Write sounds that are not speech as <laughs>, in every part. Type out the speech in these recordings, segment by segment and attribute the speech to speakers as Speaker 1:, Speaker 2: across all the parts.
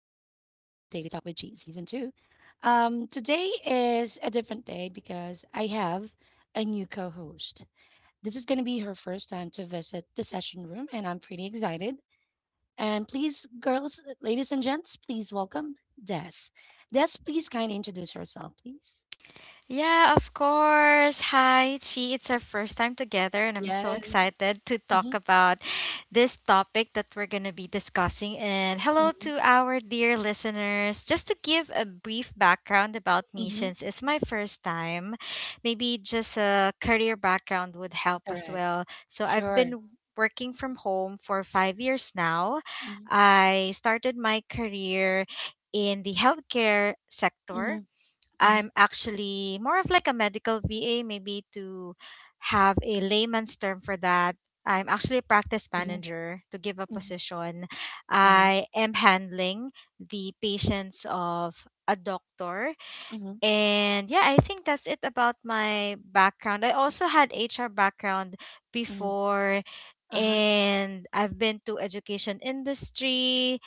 Speaker 1: Talk with G Season 2. Today is a different day because I have a new co host. This is going to be her first time to visit the session room, and I'm pretty excited. And please, girls, ladies, and gents, please welcome Des. Des, please kindly introduce yourself, please.
Speaker 2: Yeah, of course. Hi, Chi. It's our first time together, and I'm so
Speaker 1: Yes.
Speaker 2: excited to talk
Speaker 1: Mm-hmm,
Speaker 2: about this topic that we're going to be discussing. And hello
Speaker 1: mm-hmm,
Speaker 2: to our dear listeners. Just to give a brief background about me,
Speaker 1: mm-hmm,
Speaker 2: since it's my first time, maybe just a career background would help as
Speaker 1: correct.
Speaker 2: well. So I've
Speaker 1: Sure.
Speaker 2: been working from home for 5 years now.
Speaker 1: Mm-hmm,
Speaker 2: I started my career in the healthcare sector.
Speaker 1: mm-hmm,
Speaker 2: I'm actually more of like a medical VA, maybe to have a layman's term for that. I'm actually a practice
Speaker 1: mm-hmm,
Speaker 2: manager to give a
Speaker 1: mm-hmm,
Speaker 2: position.
Speaker 1: uh-huh,
Speaker 2: I am handling the patients of a doctor,
Speaker 1: mm-hmm,
Speaker 2: and yeah, I think that's it about my background. I also had HR background
Speaker 1: mm-hmm,
Speaker 2: before,
Speaker 1: uh-huh.
Speaker 2: and I've been to education industry,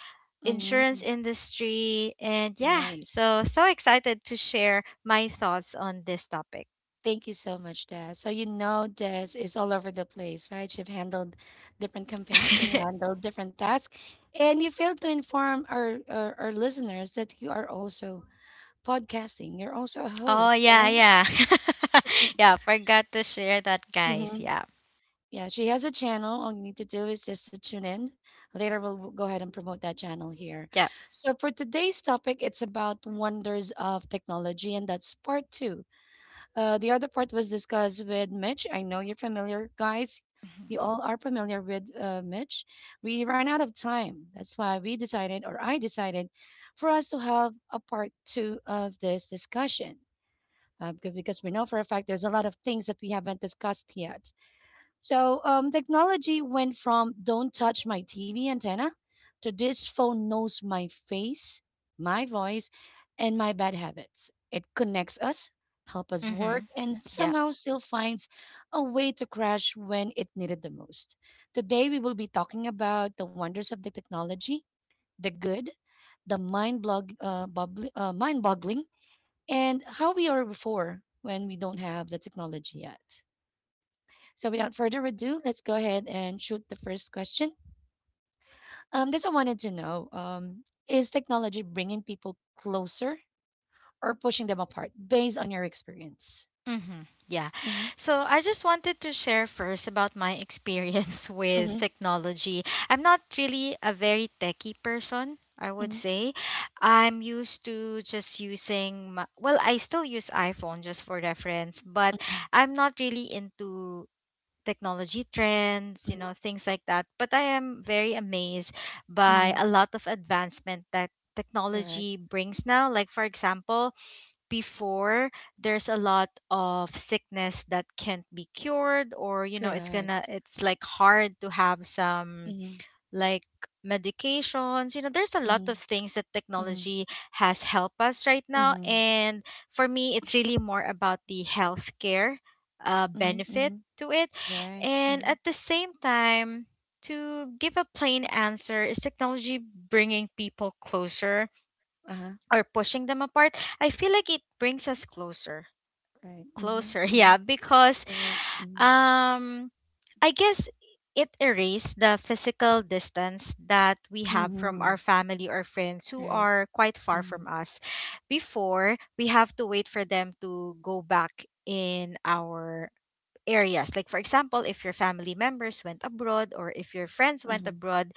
Speaker 2: insurance
Speaker 1: Mhm.
Speaker 2: industry, and yeah,
Speaker 1: Nice.
Speaker 2: so excited to share my thoughts on this topic.
Speaker 1: Thank you so much, Des. So you know Des is all over the place, right? She have handled different campaigns and
Speaker 2: <laughs>
Speaker 1: handled different tasks. And you failed to inform our listeners that you are also podcasting. You're also a
Speaker 2: Oh
Speaker 1: host,
Speaker 2: yeah,
Speaker 1: right?
Speaker 2: yeah. <laughs>
Speaker 1: <laughs>
Speaker 2: Yeah, forgot to share that, guys.
Speaker 1: Mm-hmm.
Speaker 2: Yeah.
Speaker 1: Yeah, she has a channel. All you need to do is just to tune in. Later, we'll go ahead and promote that channel here.
Speaker 2: Yeah.
Speaker 1: So, for today's topic, it's about wonders of technology, and that's part two. The other part was discussed with Mitch. I know you're familiar, guys.
Speaker 2: Mhm.
Speaker 1: You all are familiar with Mitch. We ran out of time. That's why we decided, or I decided, for us to have a part two of this discussion. Because we know for a fact there's a lot of things that we haven't discussed yet. So technology went from don't touch my TV antenna to this phone knows my face, my voice, and my bad habits. It connects us, helps us work,
Speaker 2: Mhm.
Speaker 1: and
Speaker 2: Yeah.
Speaker 1: somehow still finds a way to crash when it needed the most. Today, we will be talking about the wonders of the technology, the good, the mind boggling, and how we are before when we don't have the technology yet. So without further ado, let's go ahead and shoot the first question. This I wanted to know. Is technology bringing people closer or pushing them apart based on your experience?
Speaker 2: Mm-hmm. Yeah.
Speaker 1: Mm-hmm,
Speaker 2: So I just wanted to share first about my experience <laughs> with
Speaker 1: mm-hmm,
Speaker 2: technology. I'm not really a very techie person, I would
Speaker 1: mm-hmm,
Speaker 2: say. I'm used to just using, my, well, I still use iPhone just for reference, but
Speaker 1: mm-hmm,
Speaker 2: I'm not really into technology trends, you
Speaker 1: mm-hmm,
Speaker 2: know, things like that. But I am very amazed
Speaker 1: mm-hmm.
Speaker 2: by a lot of advancement that
Speaker 1: Correct,
Speaker 2: technology brings now. Like, for example, before, there's a lot of sickness that can't be cured, or you know, it's gonna
Speaker 1: correct.
Speaker 2: it's like hard to have some
Speaker 1: Mm-hmm,
Speaker 2: like medications. You know, there's a
Speaker 1: mm-hmm,
Speaker 2: lot of things that
Speaker 1: mm-hmm,
Speaker 2: technology has helped us right now,
Speaker 1: mm-hmm,
Speaker 2: and for me, it's really more about the healthcare
Speaker 1: mm-hmm,
Speaker 2: benefit
Speaker 1: mm-hmm.
Speaker 2: to it.
Speaker 1: Right.
Speaker 2: And
Speaker 1: Mm-hmm.
Speaker 2: at the same time, to give a plain answer, is technology bringing people closer
Speaker 1: Uh-huh.
Speaker 2: or pushing them apart? I feel like it brings us closer,
Speaker 1: Right. Mm-hmm,
Speaker 2: closer. <laughs>
Speaker 1: mm-hmm.
Speaker 2: Yeah, because
Speaker 1: Right. Mm-hmm.
Speaker 2: um I guess it erased the physical distance that we have from
Speaker 1: Mm-hmm.
Speaker 2: our family or friends who
Speaker 1: Right.
Speaker 2: are quite far
Speaker 1: Mm-hmm.
Speaker 2: from us. Before, we have to wait for them to go back in our areas. Like, for example, if your family members went abroad or if your friends went
Speaker 1: Mm-hmm.
Speaker 2: abroad,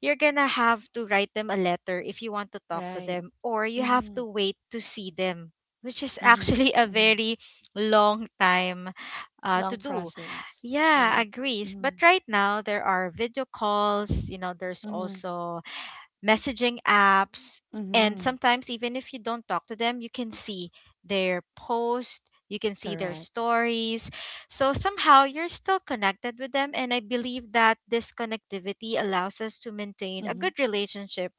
Speaker 2: you're gonna have to write them a letter if you want to talk to
Speaker 1: Right.
Speaker 2: them, or you have
Speaker 1: Mm-hmm.
Speaker 2: to wait to see them, which is <laughs> actually a
Speaker 1: Mm-hmm.
Speaker 2: very long time to
Speaker 1: Long
Speaker 2: do.
Speaker 1: process,
Speaker 2: Yeah,
Speaker 1: right?
Speaker 2: agrees. But
Speaker 1: Mm-hmm.
Speaker 2: right now, there are video calls, you know, there's
Speaker 1: Mm-hmm.
Speaker 2: also messaging apps, and
Speaker 1: Mm-hmm.
Speaker 2: sometimes even if you don't talk to them, you can see their post, you can see their
Speaker 1: Correct.
Speaker 2: stories, so somehow you're still connected with them. And I believe that this connectivity allows us to maintain a
Speaker 1: Mm-hmm.
Speaker 2: good relationship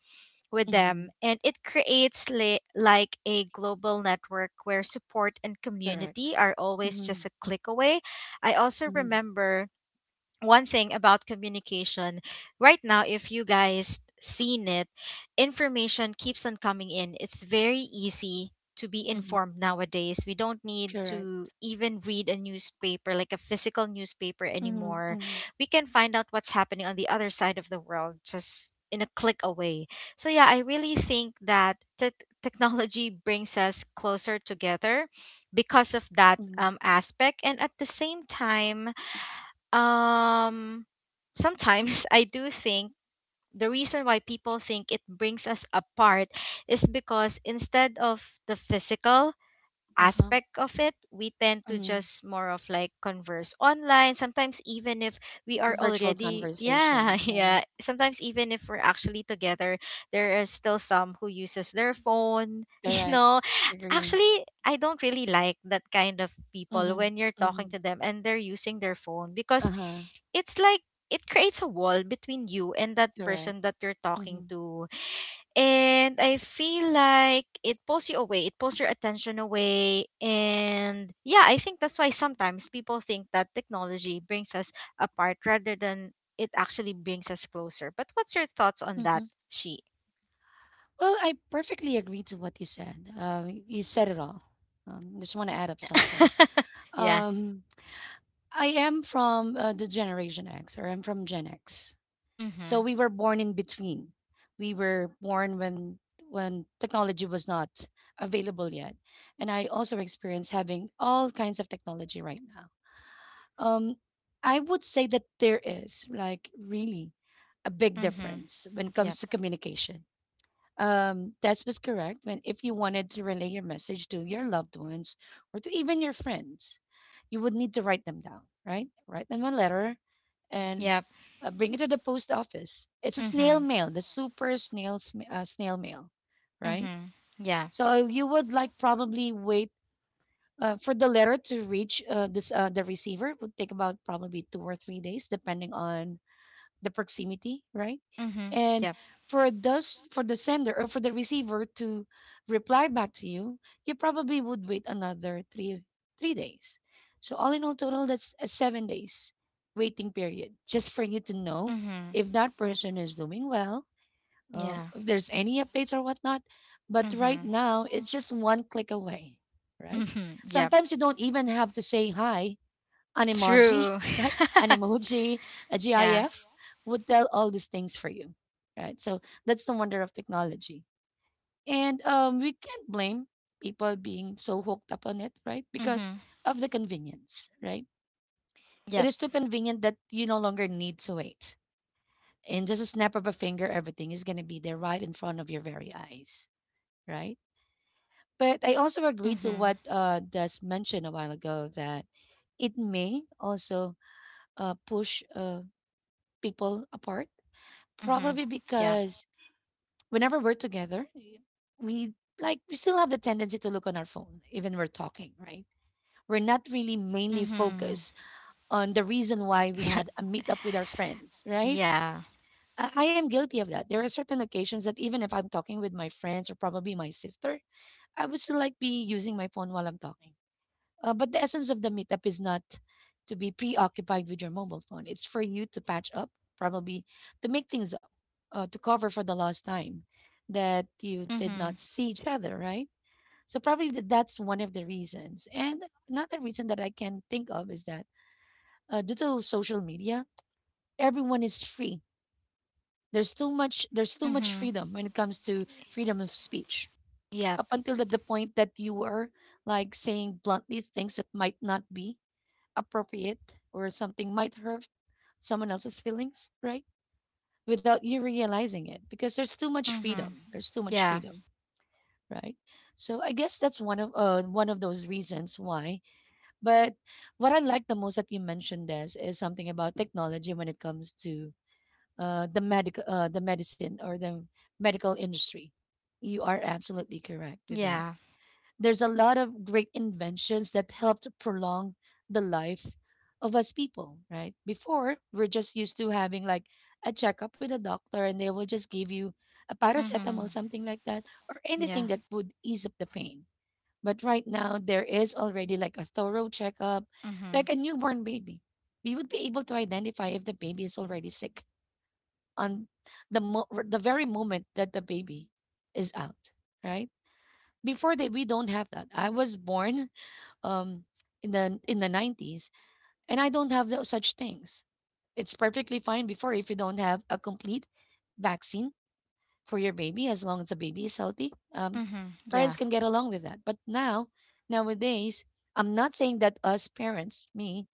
Speaker 2: with
Speaker 1: Mm-hmm.
Speaker 2: them, and it creates like a global network where support and
Speaker 1: Correct.
Speaker 2: community are always
Speaker 1: Mm-hmm.
Speaker 2: just a click away. I also
Speaker 1: Mm-hmm.
Speaker 2: remember one thing about communication right now, if you guys seen it. Information keeps on coming in. It's very easy to be
Speaker 1: Mm-hmm.
Speaker 2: informed nowadays. We don't need to
Speaker 1: Correct.
Speaker 2: even read a newspaper, like a physical newspaper,
Speaker 1: Mm-hmm.
Speaker 2: anymore.
Speaker 1: Mm-hmm.
Speaker 2: We can find out what's happening on the other side of the world just in a click away. So yeah, I really think that technology brings us closer together because of that
Speaker 1: Mm-hmm.
Speaker 2: aspect. And at the same time, um, sometimes <laughs> I do think the reason why people think it brings us apart is because instead of the physical
Speaker 1: Uh-huh.
Speaker 2: aspect of it, we tend to
Speaker 1: Mm-hmm.
Speaker 2: just more of like converse online sometimes, even if we are
Speaker 1: A virtual
Speaker 2: already, yeah. <laughs>
Speaker 1: conversation,
Speaker 2: Yeah,
Speaker 1: right?
Speaker 2: sometimes even if we're actually together, there is still some who uses their phone. <laughs> You
Speaker 1: Correct.
Speaker 2: know,
Speaker 1: Agree.
Speaker 2: actually, I don't really like that kind of people
Speaker 1: Mm-hmm.
Speaker 2: when you're talking
Speaker 1: Mm-hmm.
Speaker 2: to them and they're using their phone, because
Speaker 1: Uh-huh.
Speaker 2: it's like it creates a wall between you and that person
Speaker 1: Correct.
Speaker 2: that you're talking
Speaker 1: Mm-hmm.
Speaker 2: to, and I feel like it pulls you away, it pulls your attention away. And yeah, I think that's why sometimes people think that technology brings us apart rather than it actually brings us closer. But what's your thoughts on that,
Speaker 1: Mm-hmm.
Speaker 2: She?
Speaker 1: Well, I perfectly agree to what you said. You said it all. Just want to add up
Speaker 2: Yeah.
Speaker 1: something.
Speaker 2: <laughs> Yeah.
Speaker 1: Um, I am from the Generation X, or I'm from Gen X. So
Speaker 2: Mhm.
Speaker 1: we were born in between. We were born when technology was not available yet. And I also experience having all kinds of technology right now. Um I would say that there is like really a big
Speaker 2: Mhm.
Speaker 1: difference when it
Speaker 2: Yep.
Speaker 1: comes to communication. That was correct. When if you wanted to relay your message to your loved ones or to even your friends, you would need to write them down, right? Write them a letter and
Speaker 2: Yep.
Speaker 1: bring it to the post office. It's a snail
Speaker 2: Mhm.
Speaker 1: mail, the super snail mail, right?
Speaker 2: Mhm. Yeah.
Speaker 1: So you would like probably wait for the letter to reach this the receiver. It would take about probably 2 or 3 days, depending on the proximity, right?
Speaker 2: Mhm.
Speaker 1: And
Speaker 2: Yep.
Speaker 1: for the sender or for the receiver to reply back to you, you probably would wait another three days. So all in all total that's a 7 days waiting period just for you to know
Speaker 2: Mhm.
Speaker 1: if that person is doing well,
Speaker 2: Yeah.
Speaker 1: if there's any updates or whatnot. But right
Speaker 2: Mhm.
Speaker 1: now it's just one click away, right?
Speaker 2: Mhm. Yep.
Speaker 1: Sometimes you don't even have to say hi an emoji,
Speaker 2: True. <laughs>
Speaker 1: <laughs> right? An emoji, a
Speaker 2: Yeah.
Speaker 1: GIF would tell all these things for you, right? So that's the wonder of technology. And we can't blame people being so hooked up on it, right? Because
Speaker 2: Mhm.
Speaker 1: of the convenience, right? It
Speaker 2: Yep.
Speaker 1: is too convenient that you no longer need to wait. In just a snap of a finger, everything is going to be there right in front of your very eyes, right? But I also agree to
Speaker 2: Mhm.
Speaker 1: what Des mentioned a while ago that it may also push people apart.
Speaker 2: Mm-hmm.
Speaker 1: Probably
Speaker 2: Yeah.
Speaker 1: because whenever we're together, y- we like we still have the tendency to look on our phone, even we're talking, right? We're not really mainly
Speaker 2: Mm-hmm.
Speaker 1: focused on the reason why we had a meetup with our friends,
Speaker 2: <laughs>
Speaker 1: right?
Speaker 2: Yeah.
Speaker 1: I am guilty of that. There are certain occasions that even if I'm talking with my friends or probably my sister, I would still like be using my phone while I'm talking. But the essence of the meetup is not to be preoccupied with your mobile phone. It's for you to patch up, probably to make things up, to cover for the last time that you did
Speaker 2: Mm-hmm.
Speaker 1: not see each other, right? So probably that's one of the reasons. And another reason that I can think of is that due to social media, everyone is free. There's too much. There's too much
Speaker 2: Mm-hmm.
Speaker 1: freedom when it comes to freedom of speech.
Speaker 2: Yep.
Speaker 1: Up until the point that you were like saying bluntly things that might not be appropriate or something might hurt someone else's feelings, right? Without you realizing it, because there's too much
Speaker 2: Mm-hmm.
Speaker 1: freedom. There's too much
Speaker 2: Yeah.
Speaker 1: freedom, right? So I guess that's one of those reasons why. But what I like the most that you mentioned as is something about technology when it comes to the medicine or the medical industry. You are absolutely correct with that.
Speaker 2: Yeah.
Speaker 1: There's a lot of great inventions that helped prolong the life of us people, right? Before, we're just used to having like a checkup with a doctor and they will just give you a
Speaker 2: Mm-hmm.
Speaker 1: paracetamol, something like that, or
Speaker 2: Yeah.
Speaker 1: anything that would ease up the pain. But right now, there is already like a thorough checkup,
Speaker 2: Mm-hmm.
Speaker 1: like a newborn baby. We would be able to identify if the baby is already sick on the very moment that the baby is out, right? Before that, we don't have that. I was born um, in the 90s, and I don't have those such things. It's perfectly fine before if you don't have a complete vaccine for your baby, as long as the baby is healthy.
Speaker 2: Mm-hmm. Yeah.
Speaker 1: Parents can get along with that. But nowadays, I'm not saying that us parents, me,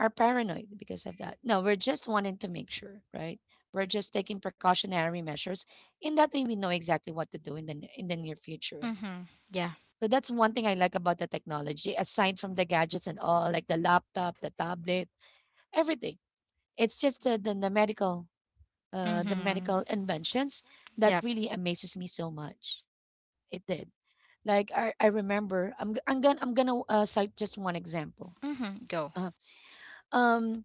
Speaker 1: are paranoid because of that. No, we're just wanting to make sure, right? We're just taking precautionary measures in that way we know exactly what to do in in the near future.
Speaker 2: Mm-hmm. Yeah.
Speaker 1: So that's one thing I like about the technology, aside from the gadgets and all, like the laptop, the tablet, everything. It's just the the
Speaker 2: Mm-hmm.
Speaker 1: medical inventions that
Speaker 2: Yep.
Speaker 1: really amazes me so much. It did. Like I remember, I'm gonna cite just one example.
Speaker 2: Mm-hmm. Go.
Speaker 1: Uh, um,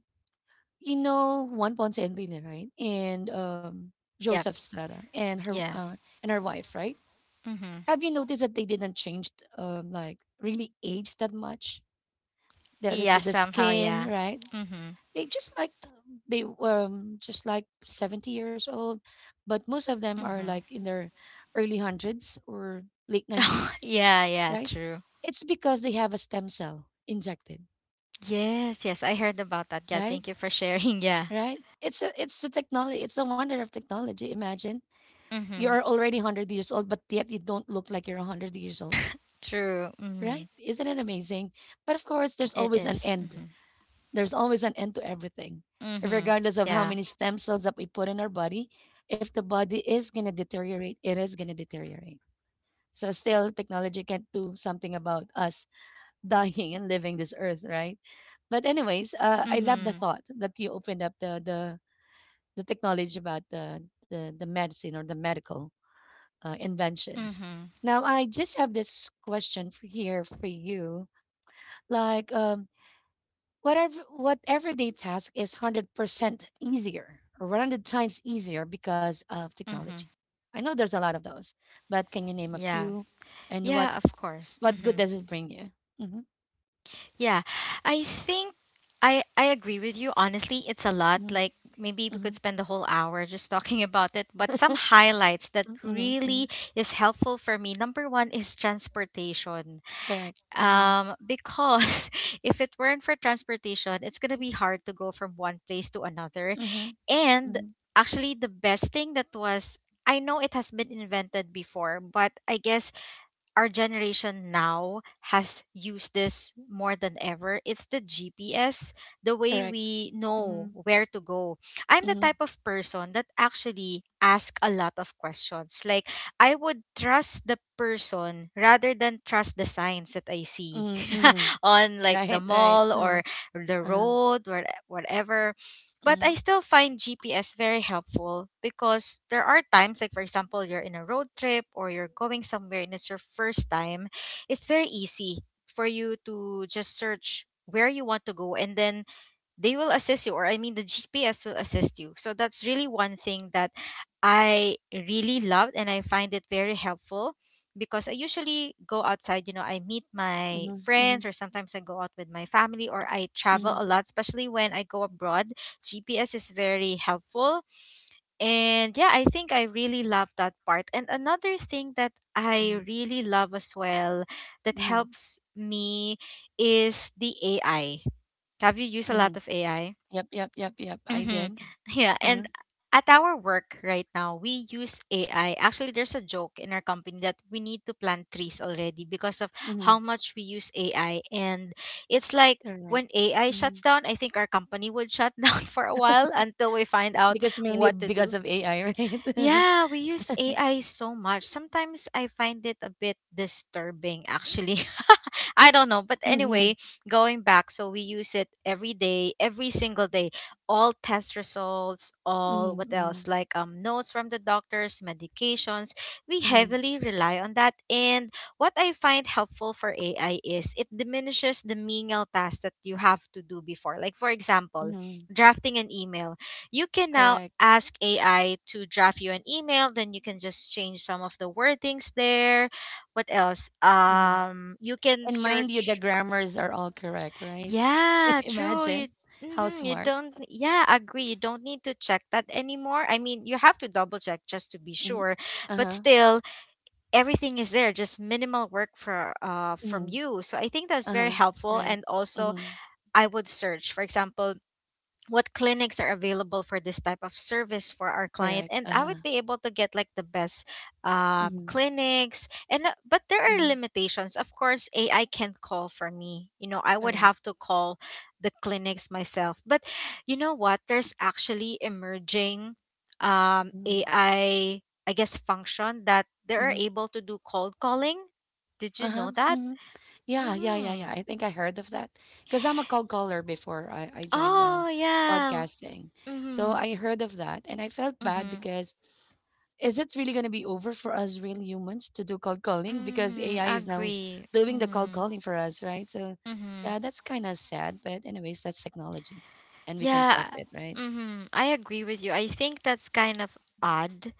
Speaker 1: you know Juan Ponce Enrile, right? And
Speaker 2: Yep.
Speaker 1: Joseph Estrada and
Speaker 2: Yeah.
Speaker 1: her wife, right?
Speaker 2: Mm-hmm.
Speaker 1: Have you noticed that they didn't change, like really age that much? the the,
Speaker 2: Yeah,
Speaker 1: the the
Speaker 2: somehow,
Speaker 1: skin,
Speaker 2: yeah.
Speaker 1: right?
Speaker 2: Mm-hmm.
Speaker 1: They just like they just like 70 years old, but most of them are like
Speaker 2: Mm-hmm.
Speaker 1: in their early hundreds or late 90s,
Speaker 2: <laughs> Yeah, yeah,
Speaker 1: right?
Speaker 2: true.
Speaker 1: It's because they have a stem cell injected,
Speaker 2: Yes, yes, I heard about that. Yeah,
Speaker 1: right?
Speaker 2: thank you for sharing. <laughs> Yeah.
Speaker 1: Right? It's the technology. It's the wonder of technology. Imagine
Speaker 2: Mm-hmm.
Speaker 1: you're already 100 years old, but yet you don't look like you're 100 years old,
Speaker 2: True. Mm-hmm.
Speaker 1: right? Isn't it amazing? But of course, there's
Speaker 2: It
Speaker 1: always an
Speaker 2: is.
Speaker 1: end.
Speaker 2: Mm-hmm.
Speaker 1: There's always an end to everything,
Speaker 2: Mm-hmm.
Speaker 1: regardless of how
Speaker 2: Yeah.
Speaker 1: many stem cells that we put in our body. If the body is going to deteriorate, it is going to deteriorate. So, still, technology can't do something about us <laughs> dying and leaving this earth, right? But, anyways, I love the
Speaker 2: Mm-hmm.
Speaker 1: thought that you opened up the technology about the medicine or the medical inventions.
Speaker 2: Mm-hmm.
Speaker 1: Now, I just have this question for here for you. Like, Whatever what everyday task is 100% easier or 100 times easier because of technology.
Speaker 2: Mm-hmm.
Speaker 1: I know there's a lot of those, but can you name a
Speaker 2: Yeah.
Speaker 1: few? And what
Speaker 2: Yeah, of course.
Speaker 1: what good
Speaker 2: Mm-hmm.
Speaker 1: does it bring you? Mm-hmm,
Speaker 2: Yeah. I think I agree with you. Honestly, it's a lot.
Speaker 1: mm-hmm,
Speaker 2: Like, maybe we could
Speaker 1: mm-hmm,
Speaker 2: spend the whole hour just <laughs> talking about it, but some highlights that
Speaker 1: mm-hmm, mm-hmm.
Speaker 2: really is helpful for me. Number one is transportation.
Speaker 1: Correct. Mm-hmm,
Speaker 2: Because <laughs> if it weren't for transportation, it's gonna be hard to go from one place to another.
Speaker 1: mm-hmm,
Speaker 2: And
Speaker 1: mm-hmm.
Speaker 2: actually, the best thing that was, I know it has been invented before, but I guess our generation now has used this more than ever. It's the GPS, the way
Speaker 1: Correct.
Speaker 2: we know
Speaker 1: Mm-hmm,
Speaker 2: where to go. I'm the
Speaker 1: mm-hmm,
Speaker 2: type of person that actually ask a lot of questions. Like, I would trust the person rather than trust the signs that I see
Speaker 1: mm-hmm, mm-hmm.
Speaker 2: <laughs> on
Speaker 1: <laughs>
Speaker 2: like the
Speaker 1: Right. Right.
Speaker 2: mall or the
Speaker 1: Uh,
Speaker 2: road or whatever, but
Speaker 1: mm-hmm,
Speaker 2: I still find GPS very helpful, because there are times, like for example, you're in a road trip or you're going somewhere and it's your first time. It's very easy for you to just search where you want to go, and then they will assist you, or I mean the GPS will assist you. So that's really one thing that I really loved, and I find it very helpful because I usually go outside, you know, I meet my
Speaker 1: mm-hmm, mm-hmm,
Speaker 2: friends, or sometimes I go out with my family, or I travel
Speaker 1: mm-hmm,
Speaker 2: a lot, especially when I go abroad. GPS is very helpful. And yeah, I think I really love that part. And another thing that I
Speaker 1: mm-hmm,
Speaker 2: really love as well that
Speaker 1: mm-hmm.
Speaker 2: helps me is the AI. Have you used a
Speaker 1: mm-hmm,
Speaker 2: lot of AI?
Speaker 1: Yep. Yep. Yep. Yep. I
Speaker 2: Mm-hmm.
Speaker 1: did.
Speaker 2: Yeah,
Speaker 1: Uh-huh.
Speaker 2: and at our work right now, we use AI. Actually, there's a joke in our company that we need to plant trees already because of
Speaker 1: Mm-hmm.
Speaker 2: how much we use AI. And it's like
Speaker 1: Correct.
Speaker 2: when AI
Speaker 1: Mm-hmm,
Speaker 2: shuts down, I think our company would shut <laughs> down for a while until we find out
Speaker 1: Because mainly
Speaker 2: what to
Speaker 1: because
Speaker 2: do.
Speaker 1: of AI, right? <laughs>
Speaker 2: Yeah, we use AI so much. Sometimes I find it a bit disturbing, actually. I don't know. But
Speaker 1: Mhm,
Speaker 2: anyway, going back, so we use it every day, every single day. All test results,
Speaker 1: mhm,
Speaker 2: all what else?
Speaker 1: mhm,
Speaker 2: Like, um, notes from the doctors, medications. We
Speaker 1: mhm,
Speaker 2: heavily rely on that. And what I find helpful for AI is it diminishes the menial tasks that you have to do before. Like, for example,
Speaker 1: mhm.
Speaker 2: drafting an email. You can now
Speaker 1: Correct.
Speaker 2: ask AI to draft you an email, then you can just change some of the wordings there. What else?
Speaker 1: Mhm.
Speaker 2: You can
Speaker 1: And mind you, the
Speaker 2: search.
Speaker 1: grammars are all correct, right? <laughs>
Speaker 2: Yeah, true.
Speaker 1: Imagine
Speaker 2: You
Speaker 1: how
Speaker 2: hmm, you
Speaker 1: smart.
Speaker 2: don't. Yeah, agree. You don't need to check that anymore. I mean, you have to double check just to be
Speaker 1: Mhm.
Speaker 2: sure, but
Speaker 1: Uh-huh.
Speaker 2: still, everything is there. Just minimal work for from
Speaker 1: Mm-hmm.
Speaker 2: you. So I think that's very
Speaker 1: Uh-huh.
Speaker 2: helpful.
Speaker 1: Right.
Speaker 2: And also,
Speaker 1: Mm-hmm.
Speaker 2: I would search. For example, what clinics are available for this type of service for our client,
Speaker 1: Correct.
Speaker 2: and I
Speaker 1: Uh-huh.
Speaker 2: would be able to get like the best
Speaker 1: Mm-hmm.
Speaker 2: clinics. And but there are
Speaker 1: Mm-hmm.
Speaker 2: limitations, of course. AI can't call for me, you know, I would
Speaker 1: Correct.
Speaker 2: have to call the clinics myself. But you know what, there's actually emerging
Speaker 1: Mm-hmm.
Speaker 2: AI, I guess, function that they are
Speaker 1: Mm-hmm.
Speaker 2: able to do cold calling. Did you
Speaker 1: Uh-huh.
Speaker 2: know that?
Speaker 1: Mm-hmm. Yeah, yeah, yeah,
Speaker 2: Mm-hmm.
Speaker 1: yeah. I think I heard of that because I'm a cold caller before I joined the
Speaker 2: Oh yeah.
Speaker 1: podcasting. So
Speaker 2: Mm-hmm.
Speaker 1: I heard of that and I felt bad
Speaker 2: Mm-hmm.
Speaker 1: because is it really going to be over for us real humans to do cold calling because
Speaker 2: Mm,
Speaker 1: AI is now
Speaker 2: agree.
Speaker 1: doing the cold
Speaker 2: Mm-hmm.
Speaker 1: calling for us, right? So,
Speaker 2: Mm-hmm.
Speaker 1: yeah, that's kind of sad, but anyways, that's technology, and we can stop
Speaker 2: Yeah.
Speaker 1: it, right?
Speaker 2: Mm-hmm. I agree with you. I think that's kind of odd,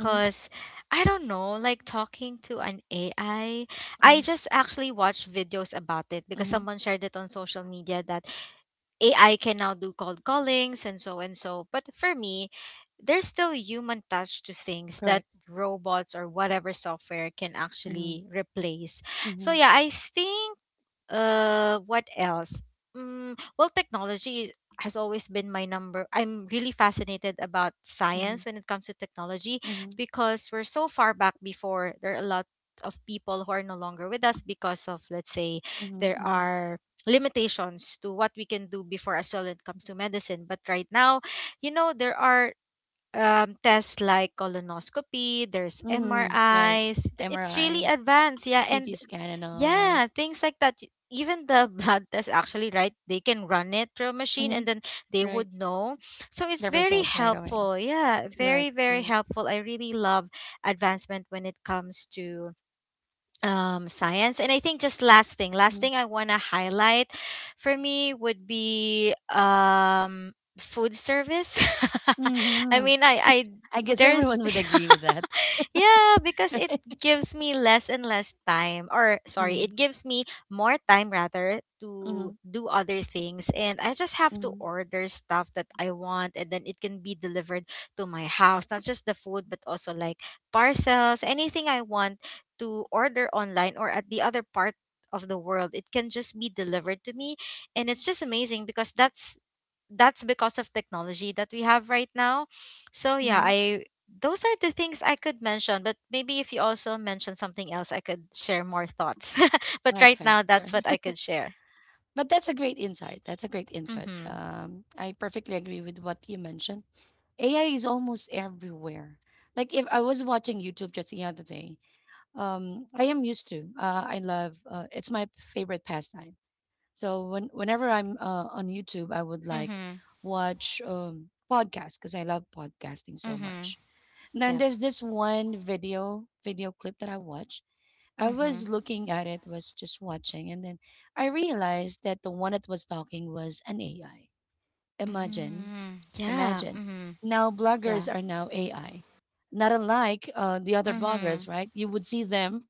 Speaker 1: Mm-hmm,
Speaker 2: I don't know, like talking to an AI. I I
Speaker 1: mm-hmm,
Speaker 2: just actually watched videos about it, because
Speaker 1: mm-hmm,
Speaker 2: someone shared it on social media that AI can now do cold callings and so and so. But for me, there's still human touch to things that
Speaker 1: correct.
Speaker 2: robots or whatever software can
Speaker 1: Mm-hmm,
Speaker 2: actually replace. So
Speaker 1: mm-hmm,
Speaker 2: yeah, I think. What else? Mm, well, technology has always been my number. I'm really fascinated about
Speaker 1: mm-hmm,
Speaker 2: science when it comes to technology,
Speaker 1: mm-hmm,
Speaker 2: because we're so far back before. There are a lot of people who are no longer with us because of, let's say,
Speaker 1: mm-hmm,
Speaker 2: there
Speaker 1: mm-hmm,
Speaker 2: are limitations to what we can do before as well when it comes to medicine. But right now, you know, there are tests like colonoscopy, there's
Speaker 1: mm-hmm, right.
Speaker 2: MRIs. It's really
Speaker 1: MRIs,
Speaker 2: advanced, yeah. And
Speaker 1: CT scan, and all,
Speaker 2: yeah,
Speaker 1: right?
Speaker 2: things like that. Even the <laughs> blood test, actually, right? They can run it through a machine, and
Speaker 1: Mm-hmm,
Speaker 2: then they would
Speaker 1: right.
Speaker 2: know. So it's
Speaker 1: The
Speaker 2: very
Speaker 1: results right away.
Speaker 2: helpful, yeah, very
Speaker 1: Correct,
Speaker 2: very
Speaker 1: correct.
Speaker 2: helpful. I really love advancement when it comes to science. And I think just last thing, last
Speaker 1: Mm-hmm,
Speaker 2: thing I want to highlight for me would be food service. <laughs> I
Speaker 1: mm-hmm.
Speaker 2: mean, I, I
Speaker 1: I guess
Speaker 2: there's
Speaker 1: everyone
Speaker 2: <laughs>
Speaker 1: would agree with that,
Speaker 2: Yeah, because it
Speaker 1: <laughs> right?
Speaker 2: gives me less and less time, or sorry, it
Speaker 1: Mm-hmm,
Speaker 2: gives me more time rather to
Speaker 1: mm-hmm,
Speaker 2: do other things. And I just have to
Speaker 1: mm-hmm,
Speaker 2: order stuff that I want, and then it can be delivered to my house. Not just the food, but also like parcels, anything I want to order online or at the other part of the world. It can just be delivered to me. And it's just amazing because that's because of technology that we have right now. So yeah,
Speaker 1: mm-hmm.
Speaker 2: I those are the things I could mention, but maybe if you also mention something else, I could share more thoughts. <laughs> But right
Speaker 1: Okay,
Speaker 2: now,
Speaker 1: sure.
Speaker 2: that's what I could share.
Speaker 1: But that's a great insight. That's a great input.
Speaker 2: Mhm.
Speaker 1: I perfectly agree with what you mentioned. AI is almost everywhere. Like if I was watching YouTube just the other day, I am used to. I love. It's my favorite pastime. So whenever I'm on YouTube, I would like
Speaker 2: Mhm.
Speaker 1: watch podcasts because I love podcasting so
Speaker 2: Mhm.
Speaker 1: much. And then
Speaker 2: Yeah.
Speaker 1: there's this one video clip that I watched. I
Speaker 2: Mhm.
Speaker 1: was looking at it, was just watching, and then I realized that the one that was talking was an AI. Imagine,
Speaker 2: Mhm. Yeah.
Speaker 1: imagine.
Speaker 2: Mhm.
Speaker 1: Now bloggers
Speaker 2: Yeah.
Speaker 1: are now AI. Not unlike the other
Speaker 2: Mhm.
Speaker 1: bloggers, right? You would see them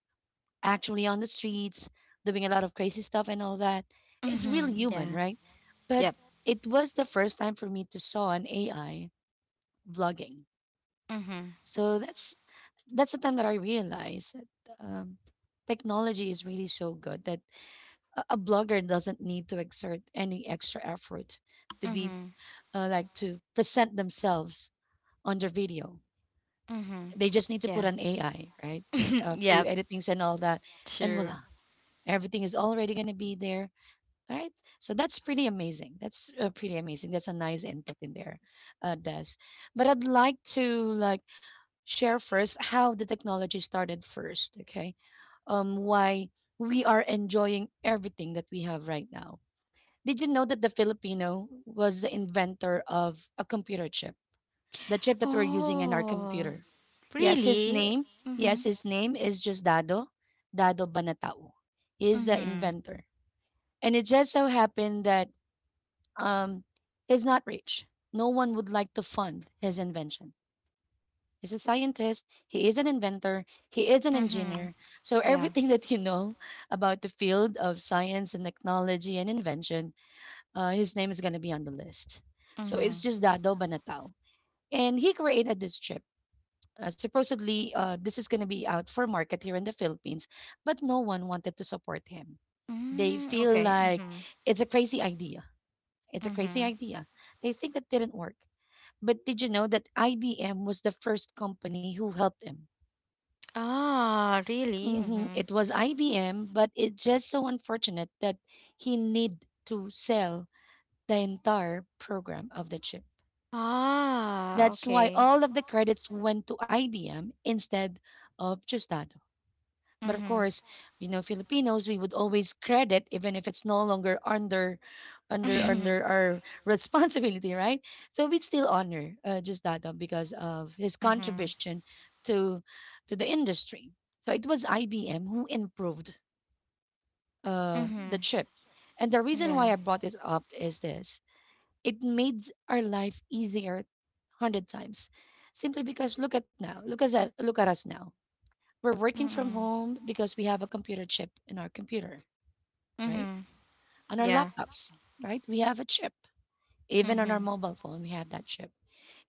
Speaker 1: actually on the streets doing a lot of crazy stuff and all that. It's really
Speaker 2: Mhm.
Speaker 1: human,
Speaker 2: Yeah.
Speaker 1: right? But
Speaker 2: Yep.
Speaker 1: it was the first time for me to saw an AI vlogging.
Speaker 2: Mhm.
Speaker 1: So that's the time that I realized that technology is really so good that a blogger doesn't need to exert any extra effort to be
Speaker 2: Mhm.
Speaker 1: like to present themselves on their video.
Speaker 2: Mhm.
Speaker 1: They just need to put
Speaker 2: Yeah.
Speaker 1: an AI, right? Just a few
Speaker 2: <laughs> Yep.
Speaker 1: editings and all that, and
Speaker 2: True.
Speaker 1: voila, everything is already gonna be there, right? So that's pretty amazing. That's pretty amazing. That's a nice input in there, Des. But I'd like to like share first how the technology started first, okay? Why we are enjoying everything that we have right now, did you know that the Filipino was the inventor of a computer chip? The chip that we're using in our
Speaker 2: Oh,
Speaker 1: computer. Yes, his
Speaker 2: really?
Speaker 1: name. Yes,
Speaker 2: Mhm.
Speaker 1: his name is just Dado, Dado Banatao. He is the
Speaker 2: Mhm.
Speaker 1: inventor. And it just so happened that um, he's not rich. No one would like to fund his invention. He's a scientist. He is an inventor. He is an
Speaker 2: Mm-hmm.
Speaker 1: engineer. So
Speaker 2: Yeah.
Speaker 1: everything <laughs> that you know about the field of science and technology and invention, his name is going to be on the list. So
Speaker 2: Mm-hmm.
Speaker 1: it's just Dado Banatao. And he created this chip. Supposedly, this is going to be out for market here in the Philippines, but no one wanted to support him. They
Speaker 2: Mm,
Speaker 1: feel
Speaker 2: okay.
Speaker 1: like
Speaker 2: Mm-hmm.
Speaker 1: it's a crazy idea. It's a crazy
Speaker 2: Mm-hmm.
Speaker 1: idea. They think that didn't work. But did you know that IBM was the first company who helped him?
Speaker 2: Ah, really?
Speaker 1: Mm-hmm.
Speaker 2: Mm-hmm.
Speaker 1: It was IBM, but it's just so unfortunate that he need to sell the entire program of the chip.
Speaker 2: Ah,
Speaker 1: That's why
Speaker 2: okay.
Speaker 1: all of the credits went to IBM instead of Justado. But of
Speaker 2: Mm-hmm.
Speaker 1: course, you know, Filipinos, we would always credit even if it's no longer under under
Speaker 2: <laughs>
Speaker 1: our <laughs> responsibility, right? So we'd still honor Justado because of his
Speaker 2: Mm-hmm.
Speaker 1: contribution to to the industry. So it was IBM who improved the
Speaker 2: Mm-hmm.
Speaker 1: chip. And the
Speaker 2: Mm-hmm.
Speaker 1: reason why
Speaker 2: Yeah.
Speaker 1: I brought this up is this: it made our life easier a hundred times. Simply because look at now, look at that, look at us now. We're working from
Speaker 2: Mm-hmm.
Speaker 1: home because we have a computer chip in our computer, right?
Speaker 2: Mm-hmm.
Speaker 1: On our
Speaker 2: Yeah.
Speaker 1: laptops, right? We have a chip. Even on our
Speaker 2: Mm-hmm.
Speaker 1: mobile phone, we have that chip.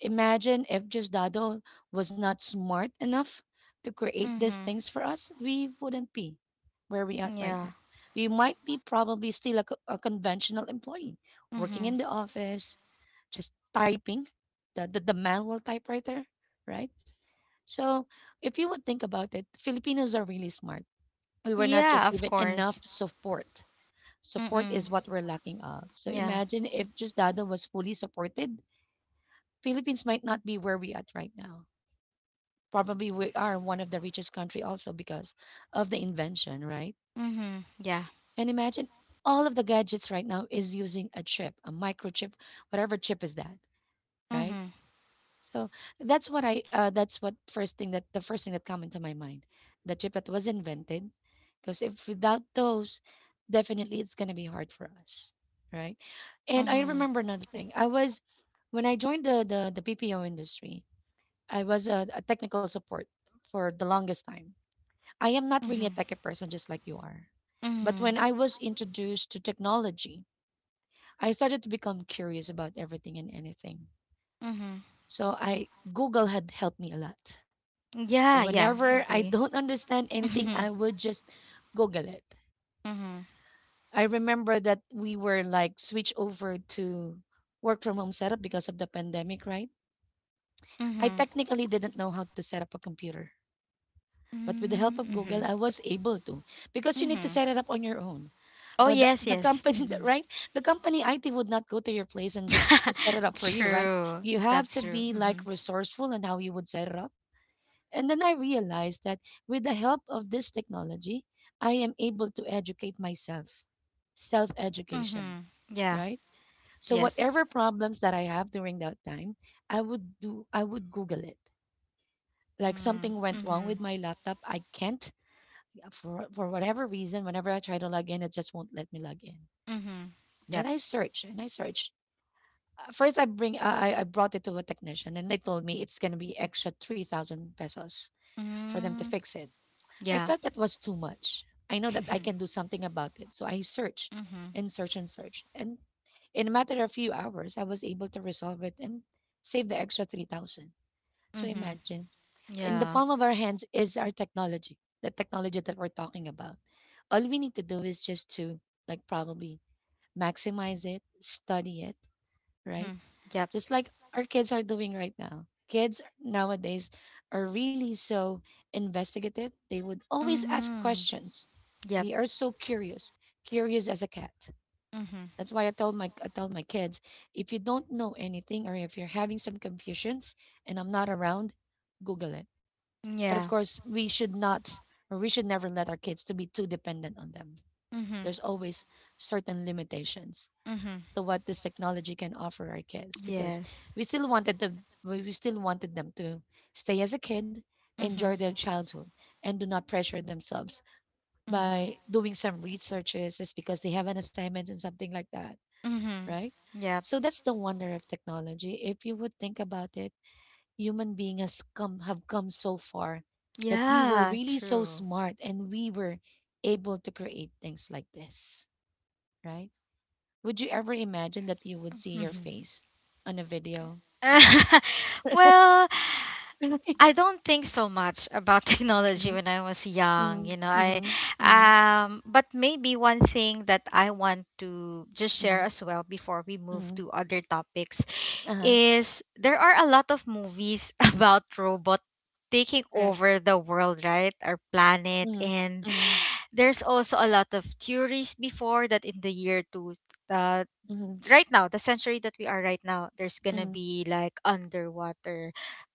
Speaker 1: Imagine if just Dado was not smart enough to create these
Speaker 2: Mm-hmm.
Speaker 1: things for us, we wouldn't be where we are right
Speaker 2: Yeah.
Speaker 1: now. We might be probably still a conventional employee working
Speaker 2: Mm-hmm.
Speaker 1: in the office, just typing the manual typewriter, right? So if you would think about it, Filipinos are really smart. We were not just
Speaker 2: Yeah, of
Speaker 1: given enough
Speaker 2: course.
Speaker 1: support. Support
Speaker 2: Mm-hmm.
Speaker 1: is what we're lacking of. So
Speaker 2: Yeah.
Speaker 1: imagine if just Dada was fully supported, Philippines might not be where we at right now. Probably we are one of the richest country also because of the invention, right?
Speaker 2: Mm-hmm. Yeah.
Speaker 1: And imagine all of the gadgets right now is using a chip, a microchip, whatever chip is that, right?
Speaker 2: Mm-hmm.
Speaker 1: So that's what I that's what first thing that the first thing that come into my mind. The chip that was invented, because if without those, definitely it's gonna be hard for us, right? And I
Speaker 2: Mm-hmm.
Speaker 1: remember another thing. I was when I joined the PPO industry, I was a technical support for the longest time. I am not really a
Speaker 2: Mm-hmm.
Speaker 1: techie person, just like you are. But when I
Speaker 2: Mm-hmm.
Speaker 1: was introduced to technology, I started to become curious about everything and anything.
Speaker 2: Mm-hmm.
Speaker 1: So I Google had helped me a lot. So
Speaker 2: Yeah, yeah,
Speaker 1: whenever I
Speaker 2: agree.
Speaker 1: don't understand anything,
Speaker 2: Mm-hmm.
Speaker 1: I would just Google it.
Speaker 2: Mm-hmm.
Speaker 1: I remember that we were like switched over to work from home setup because of the pandemic, right? I
Speaker 2: Mm-hmm.
Speaker 1: technically didn't know how to set up a computer. But with the help
Speaker 2: Mm,
Speaker 1: of Google,
Speaker 2: mhm.
Speaker 1: I was able to, because you need to
Speaker 2: Mhm.
Speaker 1: set it up on your own.
Speaker 2: Oh
Speaker 1: The,
Speaker 2: yes,
Speaker 1: the
Speaker 2: yes.
Speaker 1: company, <laughs> the-
Speaker 2: Mhm.
Speaker 1: right? The company IT would not go to your place and just set it
Speaker 2: <laughs>
Speaker 1: up for you, right?
Speaker 2: True.
Speaker 1: You have
Speaker 2: That's
Speaker 1: to
Speaker 2: true.
Speaker 1: be like
Speaker 2: Mhm.
Speaker 1: resourceful in how you would set it up. And then I realized that with the help of this technology, I am able to educate myself, self education,
Speaker 2: Mhm. Yeah.
Speaker 1: right? So
Speaker 2: Yes.
Speaker 1: whatever problems that I have during that time, I would Google it. Like
Speaker 2: Mm,
Speaker 1: something went wrong
Speaker 2: mhm.
Speaker 1: with my laptop, I can't, yeah, for whatever reason. Whenever I try to log in, it just won't let me log in.
Speaker 2: Mhm.
Speaker 1: And
Speaker 2: Yep.
Speaker 1: then I search and I search. First, I bring I brought it to a technician, and they told me it's gonna be extra 3,000 pesos for them to
Speaker 2: Mm,
Speaker 1: fix it. I
Speaker 2: yeah.
Speaker 1: felt that was too much. I know that I can do
Speaker 2: <laughs>
Speaker 1: something about it. So I searched
Speaker 2: Mhm.
Speaker 1: and searched and searched. And in a matter of few hours, I was able to resolve it and save the extra 3,000.
Speaker 2: Mhm.
Speaker 1: So
Speaker 2: Mhm.
Speaker 1: imagine in the
Speaker 2: Yeah.
Speaker 1: palm of our hands is our technology, the technology that we're talking about. All we need to do is just to like probably maximize it, study it, right?
Speaker 2: Mhm. Yep.
Speaker 1: Just like our kids are doing right now. Kids nowadays are really so investigative. They would always ask
Speaker 2: Mhm.
Speaker 1: questions.
Speaker 2: Yep.
Speaker 1: They are so curious, curious as a cat.
Speaker 2: Mhm.
Speaker 1: That's why I tell my kids, if you don't know anything or if you're having some confusions and I'm not around, Google it. But of
Speaker 2: Yeah.
Speaker 1: course, we should not or we should never let our kids to be too dependent on them.
Speaker 2: Mhm.
Speaker 1: There's always certain limitations
Speaker 2: Mhm.
Speaker 1: to what this technology can offer our kids because
Speaker 2: Yes.
Speaker 1: we still wanted them to stay as a kid, enjoy
Speaker 2: Mhm.
Speaker 1: their childhood and do not pressure themselves
Speaker 2: Mhm.
Speaker 1: by doing some researches just because they have an assignment and something like that,
Speaker 2: Mhm.
Speaker 1: right?
Speaker 2: Yep.
Speaker 1: So that's the wonder of technology. If you would think about it, human being has come have come so far that we were
Speaker 2: Yeah.
Speaker 1: really so
Speaker 2: True.
Speaker 1: smart and we were able to create things like this, right? Would you ever imagine that you would see your
Speaker 2: Mhm.
Speaker 1: face on a video?
Speaker 2: <laughs> Well, I don't think so much about <laughs> technology
Speaker 1: Mhm,
Speaker 2: when I was young, you
Speaker 1: mhm,
Speaker 2: know. I
Speaker 1: mhm, mhm,
Speaker 2: But maybe one thing that I want to just share
Speaker 1: mhm,
Speaker 2: as well before we move
Speaker 1: mhm.
Speaker 2: to other topics
Speaker 1: Uh-huh.
Speaker 2: is there are a lot of movies <laughs> about robot taking
Speaker 1: Correct.
Speaker 2: over the world, right? Our planet
Speaker 1: Mhm,
Speaker 2: and
Speaker 1: mhm,
Speaker 2: there's also a lot of theories before that in the year two, uh,
Speaker 1: mhm,
Speaker 2: right now, the century that we are right now, there's gonna
Speaker 1: mhm.
Speaker 2: be like underwater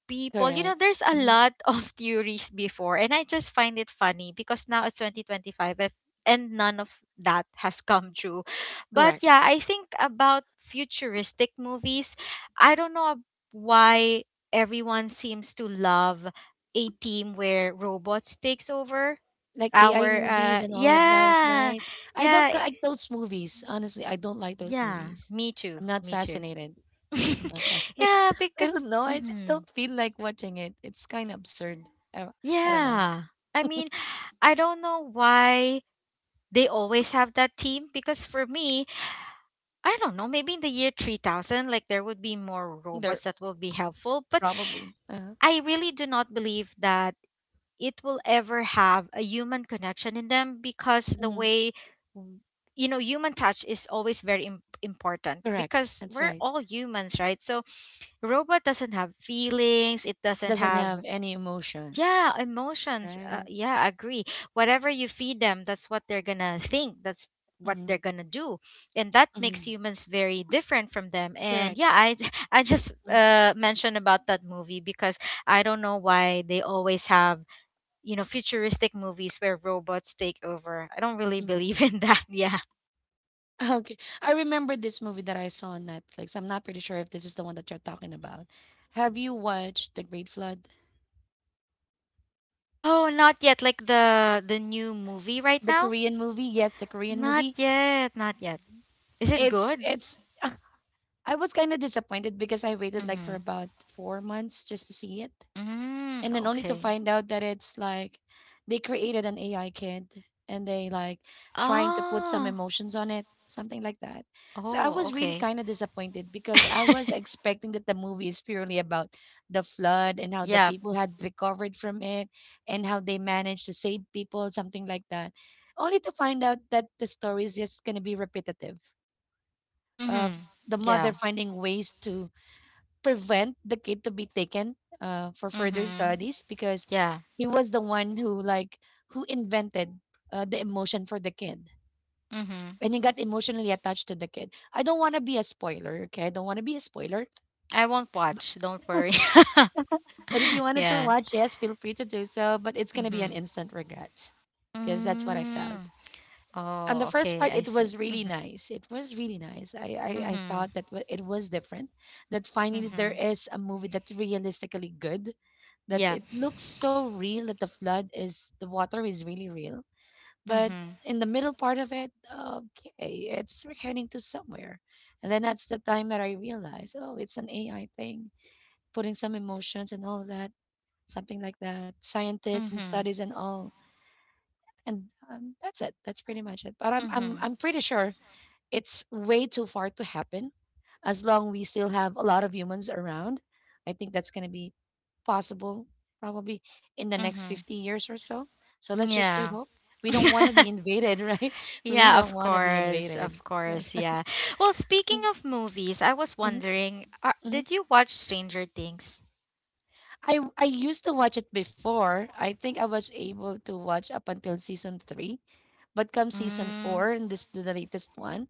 Speaker 2: people. You know,
Speaker 1: Correct.
Speaker 2: there's a
Speaker 1: Mhm.
Speaker 2: lot <laughs> of theories before, and I just find it funny because now it's 2025 and none of that has come true. But
Speaker 1: Correct.
Speaker 2: yeah, I think about futuristic movies. I don't know ab- Why everyone seems to love a team where robots takes over
Speaker 1: Like AI
Speaker 2: our
Speaker 1: movies and all of those,
Speaker 2: yeah.
Speaker 1: right? I don't
Speaker 2: Yeah.
Speaker 1: like those movies. Honestly, I don't like those
Speaker 2: Yeah,
Speaker 1: movies.
Speaker 2: me too,
Speaker 1: I'm not
Speaker 2: me too.
Speaker 1: fascinated. I'm not
Speaker 2: <laughs>
Speaker 1: fascinated.
Speaker 2: Yeah,
Speaker 1: <laughs> I
Speaker 2: because
Speaker 1: don't know. I just
Speaker 2: mhm.
Speaker 1: don't feel like watching it. It's kind of absurd. I, I don't know.
Speaker 2: Yeah. I mean, I don't know why they always have that team because for me, I don't know, maybe in the year 3000 like there would be more robots
Speaker 1: They're
Speaker 2: that will be helpful, but
Speaker 1: probably. Uh-huh.
Speaker 2: I really do not believe that it will ever have a human connection in them because
Speaker 1: Mhm.
Speaker 2: w- you know human touch is always very important
Speaker 1: Correct.
Speaker 2: because
Speaker 1: That's
Speaker 2: we're
Speaker 1: right.
Speaker 2: all humans, right? So robot doesn't have feelings, it doesn't
Speaker 1: Doesn't
Speaker 2: have
Speaker 1: have any emotions,
Speaker 2: Yeah, emotions.
Speaker 1: right?
Speaker 2: Yeah, agree. Whatever you feed them, that's what they're gonna think. That's what they're
Speaker 1: Mm-hmm.
Speaker 2: gonna do, and that makes
Speaker 1: Hmm.
Speaker 2: humans very different from them. And
Speaker 1: Correct.
Speaker 2: yeah, <laughs> I just mentioned about that movie because I don't know why they always have, you know, futuristic movies where robots take over. I don't really
Speaker 1: Mm-hmm.
Speaker 2: believe <laughs> in that. Yeah.
Speaker 1: <laughs> Okay. I remember this movie that I saw on Netflix. I'm not pretty sure if this is the one that you're talking about. Have you watched The Great Flood?
Speaker 2: Oh, not yet. Like the new movie right
Speaker 1: The
Speaker 2: now.
Speaker 1: Korean movie? Yes, the Korean
Speaker 2: Not
Speaker 1: movie.
Speaker 2: yet. Not yet. Is it
Speaker 1: It's
Speaker 2: good?
Speaker 1: it's <laughs> I was kind of disappointed because I waited like for
Speaker 2: Mm-hmm.
Speaker 1: about 4 months just to see it,
Speaker 2: Mm,
Speaker 1: and then only to
Speaker 2: okay.
Speaker 1: find out that it's like they created an AI kid and they like trying to put some
Speaker 2: Ah.
Speaker 1: emotions on it, something like that. So I
Speaker 2: Oh,
Speaker 1: was really
Speaker 2: okay.
Speaker 1: kind of disappointed because I was
Speaker 2: <laughs>
Speaker 1: expecting that the movie is purely about the flood and how the
Speaker 2: Yeah.
Speaker 1: people had recovered from it and how they managed to save people, something like that. Only to find out that the story is just going to be repetitive of
Speaker 2: Mhm.
Speaker 1: the mother
Speaker 2: Yeah.
Speaker 1: finding ways to prevent the kid to be taken for further
Speaker 2: Mhm.
Speaker 1: studies because
Speaker 2: Yeah.
Speaker 1: he was the one who like who invented the emotion for the kid,
Speaker 2: Mhm.
Speaker 1: and he got emotionally attached to the kid. I don't want to be a spoiler. Okay, I don't want to be a spoiler,
Speaker 2: I won't watch, don't worry. <laughs>
Speaker 1: but if you wanted to
Speaker 2: Yeah.
Speaker 1: watch, yes, feel free to do so, but it's going to be
Speaker 2: Mhm.
Speaker 1: an instant regret because that's what I felt.
Speaker 2: Mm.
Speaker 1: On the
Speaker 2: Oh,
Speaker 1: first
Speaker 2: okay.
Speaker 1: part,
Speaker 2: I
Speaker 1: it
Speaker 2: see.
Speaker 1: was really
Speaker 2: Mhm.
Speaker 1: nice. It was really nice. I i,
Speaker 2: Mhm.
Speaker 1: thought that it was different, that finally there
Speaker 2: Mhm.
Speaker 1: is a movie that's realistically good, that
Speaker 2: Yeah.
Speaker 1: it looks so real, that the water is really real. But
Speaker 2: Mhm.
Speaker 1: in the middle part of it, okay, it's heading to somewhere, and then that's the time that I realized, oh, it's an AI thing, putting some emotions and all that, something like that, scientists and
Speaker 2: Mhm.
Speaker 1: studies and all. And that's it, that's pretty much it, but
Speaker 2: Mhm.
Speaker 1: I'm pretty sure it's way too far to happen. As long we still have a lot of humans around, I think that's going to be possible, probably in the next
Speaker 2: Mhm.
Speaker 1: 50 years or so. So let's just do
Speaker 2: Yeah.
Speaker 1: hope. We don't want to be
Speaker 2: <laughs>
Speaker 1: invaded, <laughs> right? We
Speaker 2: Yeah,
Speaker 1: don't
Speaker 2: of
Speaker 1: want to be
Speaker 2: course.
Speaker 1: invaded.
Speaker 2: Of course.
Speaker 1: Uh,
Speaker 2: Yeah. Well,
Speaker 1: mm,
Speaker 2: speaking of movies, I was
Speaker 1: mhm,
Speaker 2: wondering,
Speaker 1: mhm.
Speaker 2: did you watch Stranger Things?
Speaker 1: I used to watch it before. I think I was able to watch up until season three, but come season
Speaker 2: Mm,
Speaker 1: four, and this the latest one,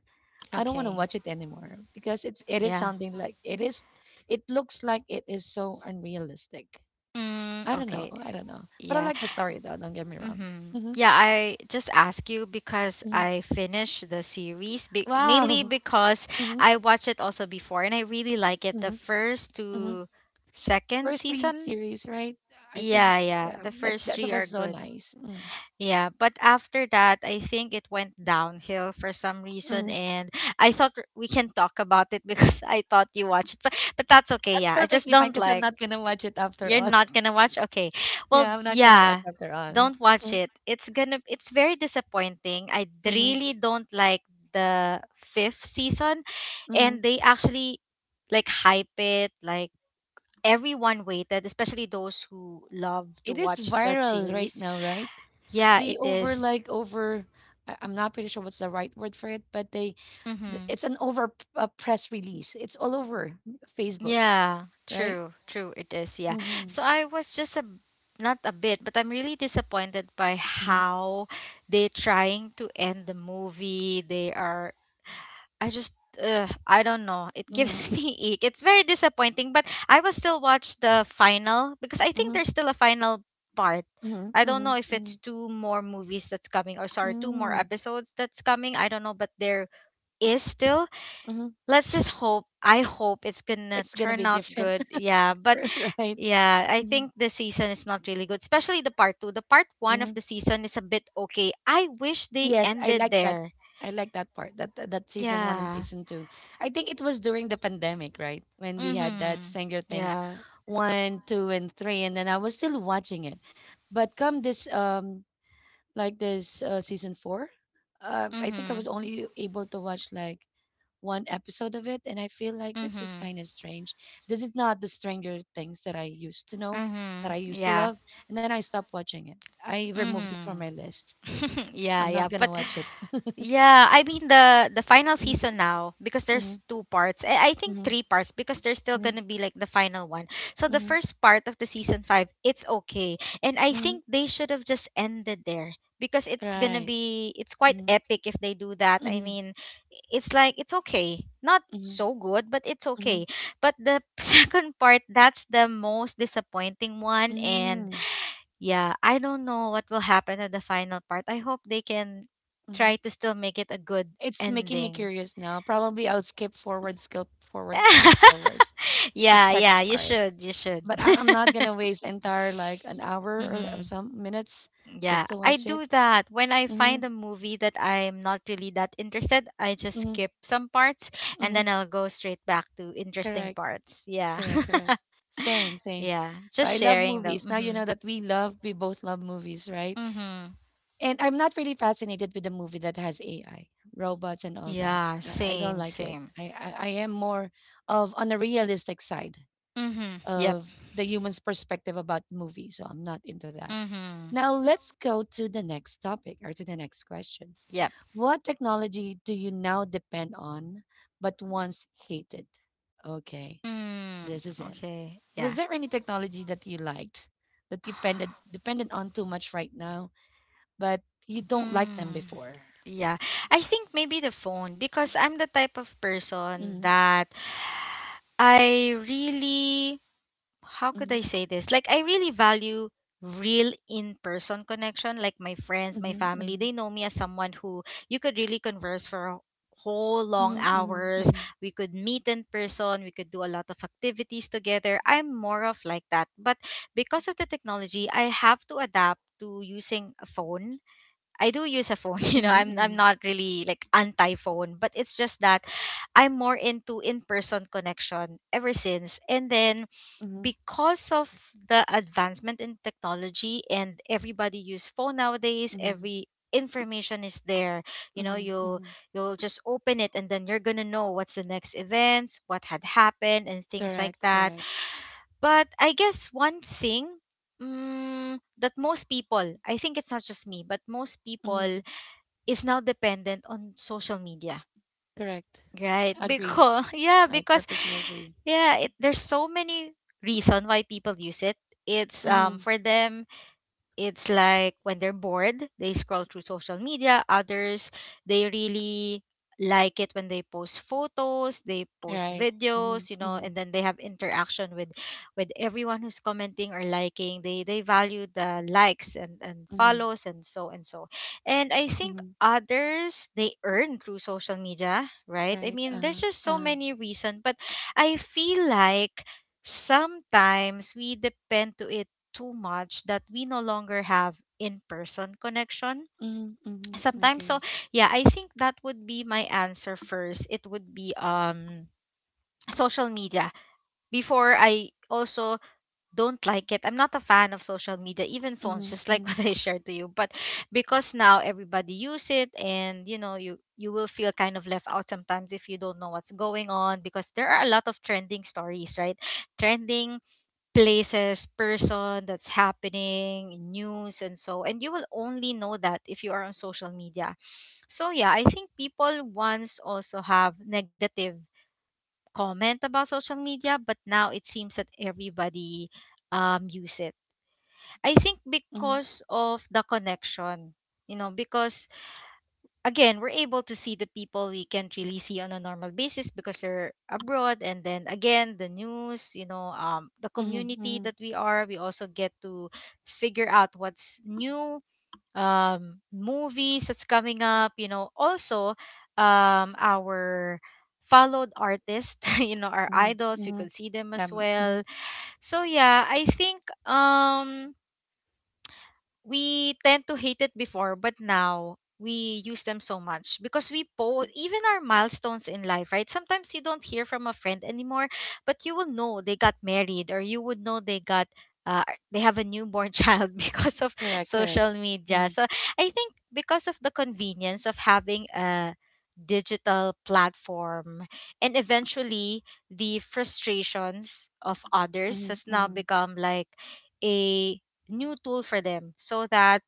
Speaker 1: I don't want to
Speaker 2: okay.
Speaker 1: watch it anymore because it is
Speaker 2: Yeah.
Speaker 1: sounding like it is, it looks like it is so unrealistic.
Speaker 2: Mm, okay.
Speaker 1: I don't know, but I
Speaker 2: Yeah.
Speaker 1: like the story though. Don't get me wrong.
Speaker 2: Mm-hmm.
Speaker 1: hmm
Speaker 2: Yeah, I just ask you because
Speaker 1: hmm
Speaker 2: I finished the series mainly
Speaker 1: Wow.
Speaker 2: because
Speaker 1: hmm
Speaker 2: I watched it also before and I really like it. The
Speaker 1: hmm
Speaker 2: first
Speaker 1: hmm
Speaker 2: to second
Speaker 1: First three
Speaker 2: season.
Speaker 1: series, right? I think
Speaker 2: Yeah, yeah. The
Speaker 1: that
Speaker 2: first three
Speaker 1: was
Speaker 2: are
Speaker 1: so
Speaker 2: good.
Speaker 1: nice. Mm,
Speaker 2: Yeah, but after that, I think it went downhill for some
Speaker 1: mm-hmm.
Speaker 2: reason, and I thought we can talk about it because <laughs> I thought you watched it, but that's okay.
Speaker 1: That's
Speaker 2: Yeah, I just
Speaker 1: perfectly fine
Speaker 2: don't
Speaker 1: because I'm
Speaker 2: like
Speaker 1: not gonna watch it after
Speaker 2: You're
Speaker 1: all.
Speaker 2: not
Speaker 1: <laughs>
Speaker 2: gonna watch? Okay. Well,
Speaker 1: Yeah, I'm not gonna watch
Speaker 2: yeah.
Speaker 1: after all.
Speaker 2: Don't watch it. It's very disappointing.
Speaker 1: Mm-hmm.
Speaker 2: Really don't like the fifth season and
Speaker 1: hmm
Speaker 2: they actually like hype it, like everyone waited, especially those who love to
Speaker 1: It is
Speaker 2: watch that
Speaker 1: viral right
Speaker 2: series.
Speaker 1: now, right?
Speaker 2: Yeah,
Speaker 1: They
Speaker 2: it
Speaker 1: over
Speaker 2: is.
Speaker 1: like over, I'm not pretty sure what's the right word for it, but they,
Speaker 2: Mhm.
Speaker 1: it's an over press release. It's all over Facebook,
Speaker 2: Yeah,
Speaker 1: right?
Speaker 2: true, true. It is, yeah.
Speaker 1: Mm-hmm.
Speaker 2: So I was just a not a bit, but I'm really disappointed by
Speaker 1: Mm-hmm.
Speaker 2: how they're trying to end the movie. They are, I just, I don't know. It
Speaker 1: Mm-hmm.
Speaker 2: gives <laughs> me ick. It's very disappointing, but I will still watch the final because I think there's still a final part.
Speaker 1: Mm-hmm.
Speaker 2: I don't know if
Speaker 1: Mm-hmm.
Speaker 2: it's two more
Speaker 1: Mm-hmm.
Speaker 2: episodes that's coming. I don't know, but there is still
Speaker 1: Mm-hmm.
Speaker 2: let's just hope, I hope it's gonna
Speaker 1: It's gonna
Speaker 2: turn
Speaker 1: be
Speaker 2: out
Speaker 1: different,
Speaker 2: good. Yeah, but
Speaker 1: <laughs> right?
Speaker 2: yeah, I think the season is not really good, especially the part two. The part one
Speaker 1: Mm-hmm.
Speaker 2: of the season is a bit okay, I wish they
Speaker 1: Yes, I
Speaker 2: ended
Speaker 1: like that.
Speaker 2: there.
Speaker 1: I like that part. That season one and
Speaker 2: Yeah.
Speaker 1: season two. I think it was during the pandemic, right? When we had that
Speaker 2: Mm-hmm.
Speaker 1: Stranger Things
Speaker 2: Yeah.
Speaker 1: one, two, and three, and then I was still watching it. But come this like this season four, I think I
Speaker 2: Mm-hmm.
Speaker 1: was only able to watch like one episode of it, and I feel like this is
Speaker 2: Mm-hmm.
Speaker 1: kind of strange. This is not the Stranger Things that I used to know, that
Speaker 2: Mm-hmm.
Speaker 1: I used to
Speaker 2: Yeah.
Speaker 1: love, and then I stopped watching it. I removed it from
Speaker 2: Mm-hmm.
Speaker 1: my list.
Speaker 2: <laughs> Yeah,
Speaker 1: I'm
Speaker 2: yeah,
Speaker 1: not
Speaker 2: but
Speaker 1: gonna watch
Speaker 2: Yeah, I mean the final
Speaker 1: it.
Speaker 2: season now because
Speaker 1: Mhm,
Speaker 2: there's two parts. I think
Speaker 1: mhm,
Speaker 2: three parts because there's still
Speaker 1: mhm,
Speaker 2: gonna be like the final one. So the
Speaker 1: mhm,
Speaker 2: first part of the season five, it's okay, and I
Speaker 1: mhm.
Speaker 2: think they should have just ended there because it's gonna
Speaker 1: Right.
Speaker 2: be it's quite
Speaker 1: Mhm,
Speaker 2: epic if they do that. I
Speaker 1: mhm,
Speaker 2: mean, it's like it's okay, not
Speaker 1: mhm,
Speaker 2: so good, but it's okay.
Speaker 1: mhm,
Speaker 2: But the <laughs> second part, that's the most disappointing one, and
Speaker 1: mm,
Speaker 2: yeah, I don't know what will happen at the final part. I hope they can
Speaker 1: mhm.
Speaker 2: try to still make it a good
Speaker 1: It's making me
Speaker 2: ending.
Speaker 1: curious now. Probably I'll skip forward, skip forward, skip forward
Speaker 2: <laughs>
Speaker 1: to
Speaker 2: Yeah,
Speaker 1: check the
Speaker 2: yeah, you
Speaker 1: part.
Speaker 2: should, you should.
Speaker 1: But
Speaker 2: <laughs>
Speaker 1: I'm not gonna waste entire like an hour or
Speaker 2: Hmm.
Speaker 1: some minutes
Speaker 2: Yeah,
Speaker 1: just to
Speaker 2: I
Speaker 1: watch it.
Speaker 2: do that. When I
Speaker 1: Mm-hmm,
Speaker 2: find a movie that I'm not really that interested, I just
Speaker 1: mm-hmm,
Speaker 2: skip some parts and
Speaker 1: mm-hmm.
Speaker 2: then I'll go straight back to interesting
Speaker 1: Correct,
Speaker 2: parts. Yeah.
Speaker 1: correct, correct.
Speaker 2: <laughs>
Speaker 1: Same, same.
Speaker 2: Yeah, just
Speaker 1: I love
Speaker 2: sharing though.
Speaker 1: movies. Now you
Speaker 2: Mhm.
Speaker 1: know that we love, we both love movies, right?
Speaker 2: Mhm.
Speaker 1: And I'm not really fascinated with a movie that has AI, robots and all that.
Speaker 2: Yeah,
Speaker 1: I don't
Speaker 2: same,
Speaker 1: like it.
Speaker 2: same.
Speaker 1: I am more of on a realistic side
Speaker 2: Mhm. Yep.
Speaker 1: of the human's perspective about movies. So I'm not into that.
Speaker 2: Mhm.
Speaker 1: Now let's go to the next topic or to the next question.
Speaker 2: Yep.
Speaker 1: What technology do you now depend on but once hated? Okay,
Speaker 2: Mm,
Speaker 1: this is it.
Speaker 2: okay.
Speaker 1: Was
Speaker 2: Yeah.
Speaker 1: there any technology that you liked, that you depended dependent on too much right now, but you don't like them
Speaker 2: Mm,
Speaker 1: before?
Speaker 2: yeah. I think maybe the phone because I'm the type of person
Speaker 1: Mhm,
Speaker 2: that I really how could I
Speaker 1: mhm,
Speaker 2: say this? Like I really value real in-person connection. Like my friends, my
Speaker 1: mhm,
Speaker 2: family,
Speaker 1: mhm.
Speaker 2: they know me as someone who you could really converse for whole long
Speaker 1: Mhm, mhm,
Speaker 2: hours.
Speaker 1: mhm.
Speaker 2: We could meet in person, we could do a lot of activities together. I'm more of like that. But because of the technology, I have to adapt to using a phone. I do use a phone, <laughs> you know.
Speaker 1: Mhm,
Speaker 2: I'm
Speaker 1: mhm,
Speaker 2: not really like anti phone, but it's just that I'm more into in person connection ever since. And then
Speaker 1: mhm,
Speaker 2: because of the advancement in technology and everybody use phone nowadays,
Speaker 1: mhm,
Speaker 2: every information is there. You know,
Speaker 1: mhm, mhm.
Speaker 2: you'll just open it and then you're gonna know what's the next events, what had happened and things like
Speaker 1: Correct,
Speaker 2: that.
Speaker 1: correct.
Speaker 2: But I guess one thing that most people, I think it's not just me, but most people
Speaker 1: Mhm,
Speaker 2: is now dependent on social media,
Speaker 1: correct.
Speaker 2: right?
Speaker 1: Agree.
Speaker 2: Because <laughs> yeah,
Speaker 1: I
Speaker 2: because
Speaker 1: perfectly agree.
Speaker 2: yeah, there's so many reason why people use it. It's
Speaker 1: Mhm,
Speaker 2: for them it's like when they're bored, they scroll through social media. Others, they really like it when they post photos, they post
Speaker 1: right. Mhm,
Speaker 2: videos, you know,
Speaker 1: mhm,
Speaker 2: and then they have interaction with everyone who's commenting or liking. They value the likes and
Speaker 1: mhm,
Speaker 2: follows and so and so. And I think
Speaker 1: mhm.
Speaker 2: others they earn through social media, right? I
Speaker 1: Right.
Speaker 2: mean, there's just so many reasons, but I feel like sometimes we depend to it too much that we no longer have in-person connection
Speaker 1: Mhm, mhm. I agree.
Speaker 2: sometimes. So yeah, I think that would be my answer. First it would be social media. Before I also don't like it, I'm not a fan of social media even
Speaker 1: Mhm,
Speaker 2: phones, just like <laughs>
Speaker 1: mhm,
Speaker 2: what I shared to you. But because now everybody use it and you know you will feel kind of left out sometimes if you don't know what's going on because there are a lot of trending stories, right? Trending places, person that's happening, news, and so. And you will only know that if you are on social media. So yeah, I think people once also have negative comment about social media, but now it seems that everybody use it. I think
Speaker 1: mhm,
Speaker 2: because of the connection, you know, because again, we're able to see the people we can't really see on a normal basis because they're abroad. And then again, the news, you know, the
Speaker 1: mhm,
Speaker 2: community
Speaker 1: mhm,
Speaker 2: that we are, we also get to figure out what's new, movies that's coming up, you know, also our followed artists, <laughs> you know, our
Speaker 1: mhm,
Speaker 2: idols, we
Speaker 1: mhm.
Speaker 2: could see them as
Speaker 1: Mhm.
Speaker 2: well. So yeah, I think we tend to hate it before, but now we use them so much because we post even our milestones in life, right? Sometimes you don't hear from a friend anymore, but you will know they got married or you would know they got uh, they have a newborn <laughs> child because of
Speaker 1: Correct, correct.
Speaker 2: social media.
Speaker 1: Mhm,
Speaker 2: So I think because of the convenience of having a digital platform and eventually the frustrations of others
Speaker 1: mhm,
Speaker 2: has now
Speaker 1: mhm.
Speaker 2: become like a new tool for them so that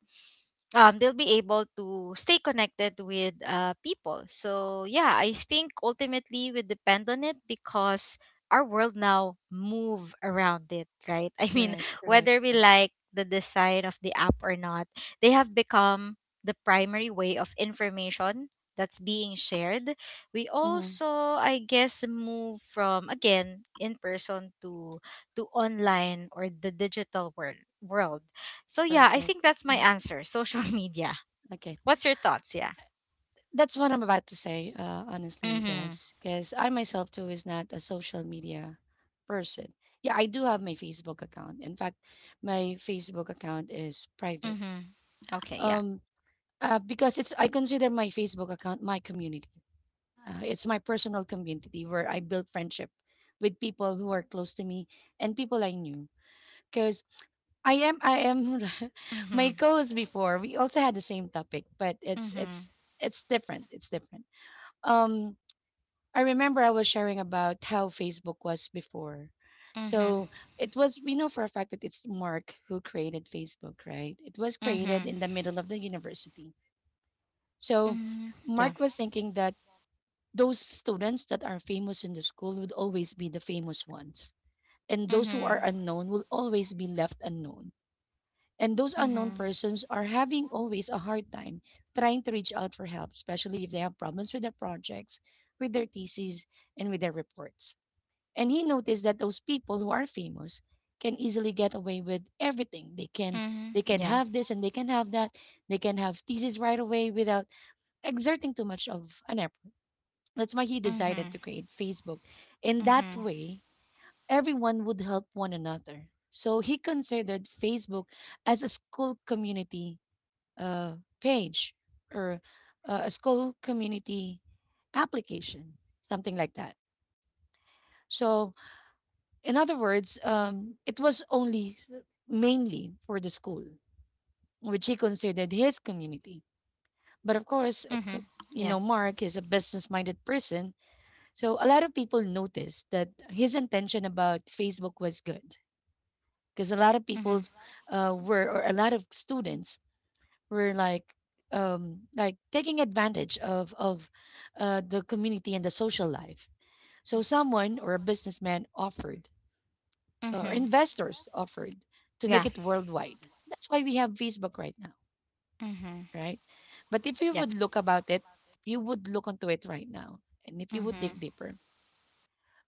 Speaker 2: they'll be able to stay connected with people. So, yeah, I think ultimately we depend on it because our world now move around it, right? <laughs> I mean,
Speaker 1: Correct, correct.
Speaker 2: whether we like the design of the app or not, they have become the primary way of information that's being shared. We
Speaker 1: Mhm,
Speaker 2: also, I guess, move from again in person to online or the digital world, so yeah, I
Speaker 1: perfect.
Speaker 2: think that's my
Speaker 1: Mhm.
Speaker 2: answer. Social <laughs> media.
Speaker 1: Okay.
Speaker 2: What's your thoughts? Yeah.
Speaker 1: That's what I'm about to say, honestly, Des,
Speaker 2: Mhm.
Speaker 1: because I myself too is not a social media person. Yeah, I do have my Facebook account. In fact, my Facebook account is private.
Speaker 2: Mhm. Okay, yeah.
Speaker 1: Um, because it's, I consider my Facebook account my community. It's my personal community where I build friendship with people who are close to me and people I knew. Because I am <laughs> my
Speaker 2: Mhm.
Speaker 1: co-host before. We also had the same topic, but
Speaker 2: Mhm.
Speaker 1: it's different. It's different. Um. I remember I was sharing about how Facebook was before.
Speaker 2: Mhm.
Speaker 1: So it was, we know for a fact that it's Mark who created Facebook, right? It was created
Speaker 2: Mhm.
Speaker 1: in the middle of the university. So
Speaker 2: Mhm. Yeah.
Speaker 1: Mark was thinking that those students that are famous in the school would always be the famous ones. And those who are
Speaker 2: Mhm.
Speaker 1: unknown will always be left unknown. And those unknown
Speaker 2: Mhm.
Speaker 1: persons are having always a hard time trying to reach out for help, especially if they have problems with their projects, with their theses, and with their reports. And he noticed that those people who are famous can easily get away with everything. They can they
Speaker 2: Mhm.
Speaker 1: can
Speaker 2: Yeah.
Speaker 1: have this and they can have that. They can have thesis right away without exerting too much of an effort. That's why he decided
Speaker 2: Mhm.
Speaker 1: to create Facebook. In that
Speaker 2: Mhm.
Speaker 1: way, everyone would help one another. So he considered Facebook as a school community uh, page or a school community application, something like that. So in other words, it was only mainly for the school, which he considered his community.
Speaker 2: Mhm.
Speaker 1: But of course,
Speaker 2: Yeah.
Speaker 1: okay, you know, Mark is a business minded person. So a lot of people noticed that his intention about Facebook was good because a lot of
Speaker 2: Mhm.
Speaker 1: people were, or a lot of students were like taking advantage of the community and the social life. So someone or a businessman offered or
Speaker 2: Mhm.
Speaker 1: investors offered to make
Speaker 2: Yeah.
Speaker 1: it worldwide. That's why we have Facebook right now,
Speaker 2: Mhm.
Speaker 1: right? But if you
Speaker 2: Yep.
Speaker 1: would look about it, you would look onto it right now. And if you would dig
Speaker 2: Mhm.
Speaker 1: deeper,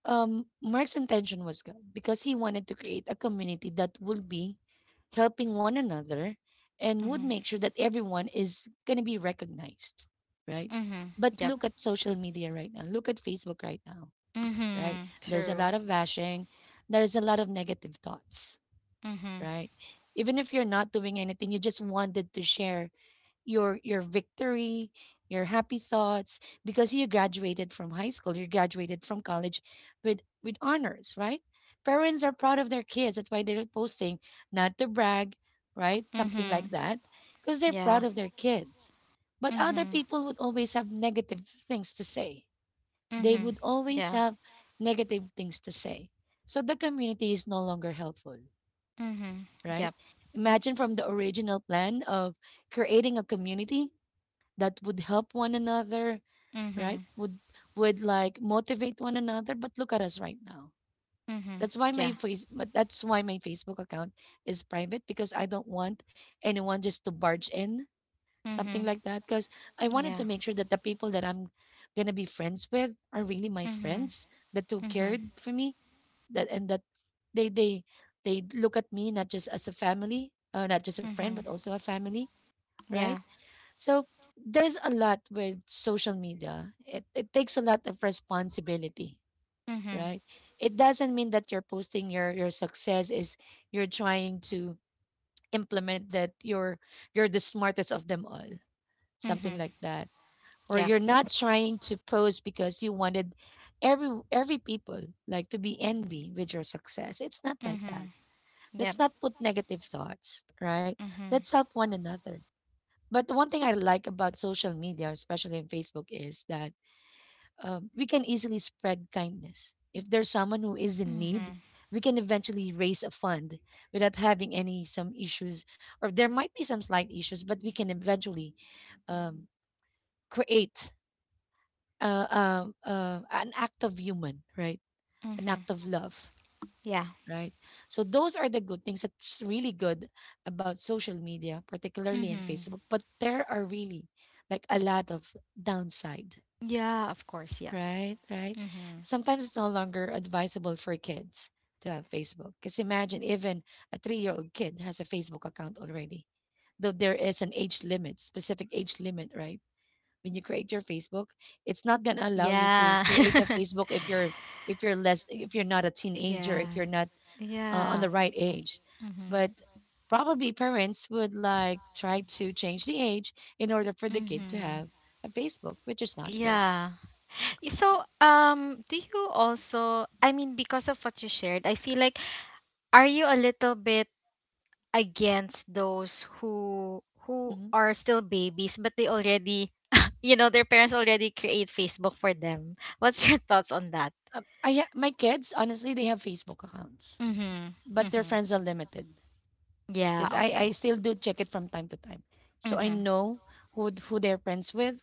Speaker 1: Mark's intention was good because he wanted to create a community that would be helping one another and would
Speaker 2: Mhm.
Speaker 1: make sure that everyone is going to be recognized, right?
Speaker 2: Mhm.
Speaker 1: But
Speaker 2: Yep.
Speaker 1: look at social media right now. Look at Facebook right now, right?
Speaker 2: Mhm.
Speaker 1: There's a
Speaker 2: True.
Speaker 1: lot of bashing. There's a lot of negative thoughts,
Speaker 2: Mhm.
Speaker 1: right? Even if you're not doing anything, you just wanted to share your victory, your happy thoughts, because you graduated from high school, you graduated from college with honors, right? Parents are proud of their kids. That's why they're posting, not to brag, right? Something like
Speaker 2: Mhm.
Speaker 1: that, because they're proud
Speaker 2: Yeah.
Speaker 1: of their kids. But other
Speaker 2: Mhm.
Speaker 1: people would always have negative things to say. They
Speaker 2: Mhm.
Speaker 1: would always
Speaker 2: Yeah.
Speaker 1: have negative things to say. So the community is no longer helpful,
Speaker 2: Mhm.
Speaker 1: right?
Speaker 2: Yep.
Speaker 1: Imagine from the original plan of creating a community that would help one another, right?
Speaker 2: Mhm.
Speaker 1: Would like motivate one another, but look at us right now.
Speaker 2: Mhm. Yeah.
Speaker 1: That's why my Facebook account is private, because I don't want anyone just to barge in, something
Speaker 2: Mhm.
Speaker 1: like that, because I wanted
Speaker 2: Yeah.
Speaker 1: to make sure that the people that I'm gonna be friends with are really my
Speaker 2: Mhm.
Speaker 1: friends, that took
Speaker 2: Mhm.
Speaker 1: cared for me, that and that they they they look at me not just as a family, not just a friend, but
Speaker 2: Mhm.
Speaker 1: also a family,
Speaker 2: Yeah.
Speaker 1: right? So there's a lot with social media, it takes a lot of responsibility,
Speaker 2: Mhm.
Speaker 1: right? It doesn't mean that you're posting your success is you're trying to implement that you're the smartest of them all, something
Speaker 2: Mhm.
Speaker 1: like that, or
Speaker 2: Yeah.
Speaker 1: you're not trying to pose because you wanted every people like to be envy with your success. It's not like that.
Speaker 2: Mhm. Yep.
Speaker 1: Let's not put negative thoughts, right?
Speaker 2: Mhm.
Speaker 1: Let's help one another. But the one thing I like about social media, especially in Facebook, is that we can easily spread kindness. If there's someone who is in need,
Speaker 2: Mhm.
Speaker 1: we can eventually raise a fund without having any some issues, or there might be some slight issues, but we can eventually um, create an act of human, right? An
Speaker 2: Mhm.
Speaker 1: act of love,
Speaker 2: Yeah.
Speaker 1: right? So those are the good things that's really good about social media, particularly in
Speaker 2: Mhm.
Speaker 1: Facebook. But there are really like a lot of downside,
Speaker 2: Yeah, of course, yeah.
Speaker 1: right? Right?
Speaker 2: Mhm.
Speaker 1: Sometimes it's no longer advisable for kids to have Facebook. Because imagine even a three-year-old kid has a Facebook account already, though there is an age limit, specific age limit, right? When you create your Facebook, it's not gonna allow you to
Speaker 2: Yeah.
Speaker 1: create a
Speaker 2: <laughs>
Speaker 1: Facebook if you're less if you're not a teenager,
Speaker 2: Yeah.
Speaker 1: if you're not on
Speaker 2: Yeah.
Speaker 1: the right age.
Speaker 2: Mhm.
Speaker 1: But probably parents would like try to change the age in order for the kid to
Speaker 2: Mhm.
Speaker 1: have a Facebook, which is not good.
Speaker 2: Yeah. So, do you also, I mean, because of what you shared, I feel like, are you a little bit against those who
Speaker 1: hmm
Speaker 2: are still babies but they already <laughs> you know their parents already create Facebook for them. What's your <laughs> thoughts on that?
Speaker 1: My kids honestly they have Facebook accounts,
Speaker 2: Mhm.
Speaker 1: but their
Speaker 2: Mhm.
Speaker 1: friends are limited
Speaker 2: Yeah,
Speaker 1: because I
Speaker 2: okay.
Speaker 1: still do check it from time to time. So I
Speaker 2: Mhm.
Speaker 1: know who they're friends with.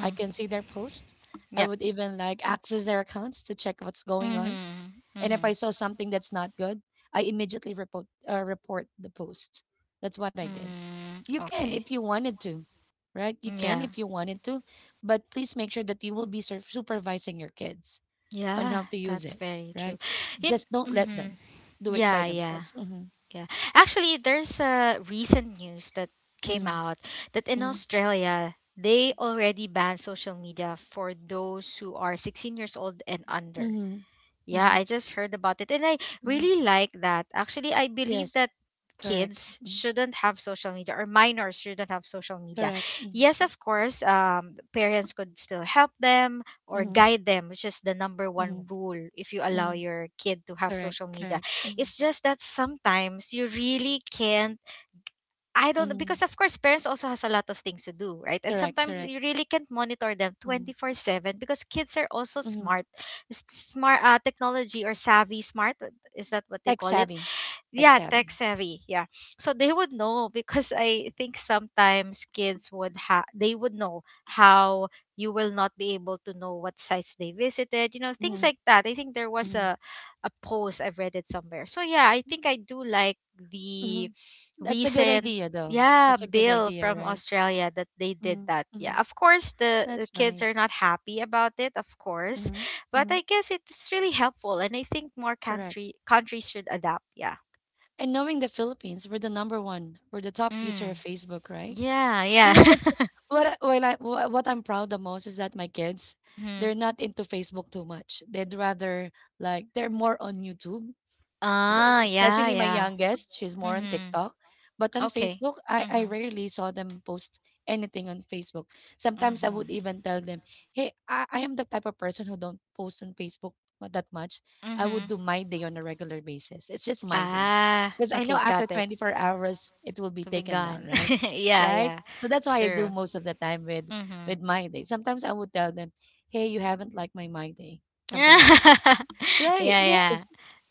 Speaker 1: I can see their post. I
Speaker 2: Yep.
Speaker 1: would even like access their accounts to check what's going on.
Speaker 2: Mhm.
Speaker 1: And if I
Speaker 2: Mhm.
Speaker 1: saw something that's not good, I immediately report the post. That's what I did.
Speaker 2: Mm,
Speaker 1: You can
Speaker 2: okay.
Speaker 1: if you wanted to, right? You can
Speaker 2: Yeah.
Speaker 1: if you wanted to, but please make sure that you will be supervising your kids on
Speaker 2: Yeah,
Speaker 1: how to use
Speaker 2: that's
Speaker 1: it,
Speaker 2: very true.
Speaker 1: right?
Speaker 2: You,
Speaker 1: Just don't let
Speaker 2: mhm.
Speaker 1: them do it by
Speaker 2: Yeah, yeah.
Speaker 1: themselves.
Speaker 2: Yeah. Actually, there's a recent news that came out that in
Speaker 1: Mhm.
Speaker 2: Australia, they already ban social media for those who are 16 years old and under.
Speaker 1: Mhm.
Speaker 2: Yeah, I
Speaker 1: Mhm.
Speaker 2: just heard about it and I
Speaker 1: Mhm.
Speaker 2: really like that. Actually, I believe
Speaker 1: Yes,
Speaker 2: that
Speaker 1: correct.
Speaker 2: kids
Speaker 1: Mhm.
Speaker 2: shouldn't have social media or minors shouldn't have social media.
Speaker 1: Correct. Mhm.
Speaker 2: Yes, of course, parents could still help them or
Speaker 1: Mhm.
Speaker 2: guide them, which is the number one
Speaker 1: Mhm.
Speaker 2: rule if you allow
Speaker 1: Mhm.
Speaker 2: your kid to have
Speaker 1: Correct.
Speaker 2: social media.
Speaker 1: Correct. Mhm.
Speaker 2: It's just that sometimes you really can't I don't
Speaker 1: Mhm.
Speaker 2: because of course parents also has a lot of things to do, right? And
Speaker 1: Correct.
Speaker 2: sometimes
Speaker 1: Correct.
Speaker 2: you really can't monitor them
Speaker 1: Mhm.
Speaker 2: 24/7 because kids are also
Speaker 1: Mhm.
Speaker 2: smart. Smart technology or savvy smart, is that what they
Speaker 1: Tech
Speaker 2: call it?
Speaker 1: savvy. Tech
Speaker 2: Yeah, tech
Speaker 1: savvy.
Speaker 2: savvy, yeah. So they would know because I think sometimes kids would have they would know how you will not be able to know what sites they visited, you know, things
Speaker 1: Mhm.
Speaker 2: like that. I think there was
Speaker 1: Mhm.
Speaker 2: a post I've read it somewhere, so yeah, I think I do like the
Speaker 1: Mhm. That's a good
Speaker 2: recent
Speaker 1: idea, though.
Speaker 2: yeah
Speaker 1: That's a good
Speaker 2: bill
Speaker 1: idea,
Speaker 2: from
Speaker 1: right?
Speaker 2: Australia that they did
Speaker 1: Mhm.
Speaker 2: that.
Speaker 1: Mhm.
Speaker 2: Yeah, of course the
Speaker 1: That's
Speaker 2: kids are
Speaker 1: nice.
Speaker 2: not happy about it, of course,
Speaker 1: Mhm.
Speaker 2: but
Speaker 1: Mhm.
Speaker 2: I guess it's really helpful, and I think more
Speaker 1: Correct.
Speaker 2: country countries should adapt. Yeah.
Speaker 1: And knowing the Philippines, we're the number one. We're the top user of
Speaker 2: Mm.
Speaker 1: Facebook, right?
Speaker 2: Yeah,
Speaker 1: You
Speaker 2: yeah.
Speaker 1: know what's what I- well, I, wha- what I'm proud the most is that my kids,
Speaker 2: <laughs> mhm.
Speaker 1: they're not into Facebook too much. They'd rather like they're more on YouTube N
Speaker 2: Ah, yeah,
Speaker 1: especially my
Speaker 2: yeah.
Speaker 1: youngest, she's more on
Speaker 2: Mhm.
Speaker 1: TikTok, but on
Speaker 2: Okay.
Speaker 1: Facebook, I
Speaker 2: Mhm.
Speaker 1: rarely saw them post anything on Facebook. Sometimes I would
Speaker 2: Mhm.
Speaker 1: even tell them, "Hey, I am the type of person who don't post on Facebook mu that much. I would
Speaker 2: Mhm.
Speaker 1: do my day on a regular basis. It's just my Day,
Speaker 2: Ah,
Speaker 1: because I know
Speaker 2: okay,
Speaker 1: after
Speaker 2: got it.
Speaker 1: 24 hours, it will be
Speaker 2: To be
Speaker 1: taken down,
Speaker 2: gone. <laughs>
Speaker 1: right?
Speaker 2: yeah,
Speaker 1: Right?
Speaker 2: yeah.
Speaker 1: So that's why I do
Speaker 2: True.
Speaker 1: most of the time
Speaker 2: Mhm.
Speaker 1: with my day. Sometimes I would tell them, "Hey, you haven't liked my day,"
Speaker 2: <laughs>
Speaker 1: something like that.
Speaker 2: yeah,
Speaker 1: Right, yes.
Speaker 2: yeah.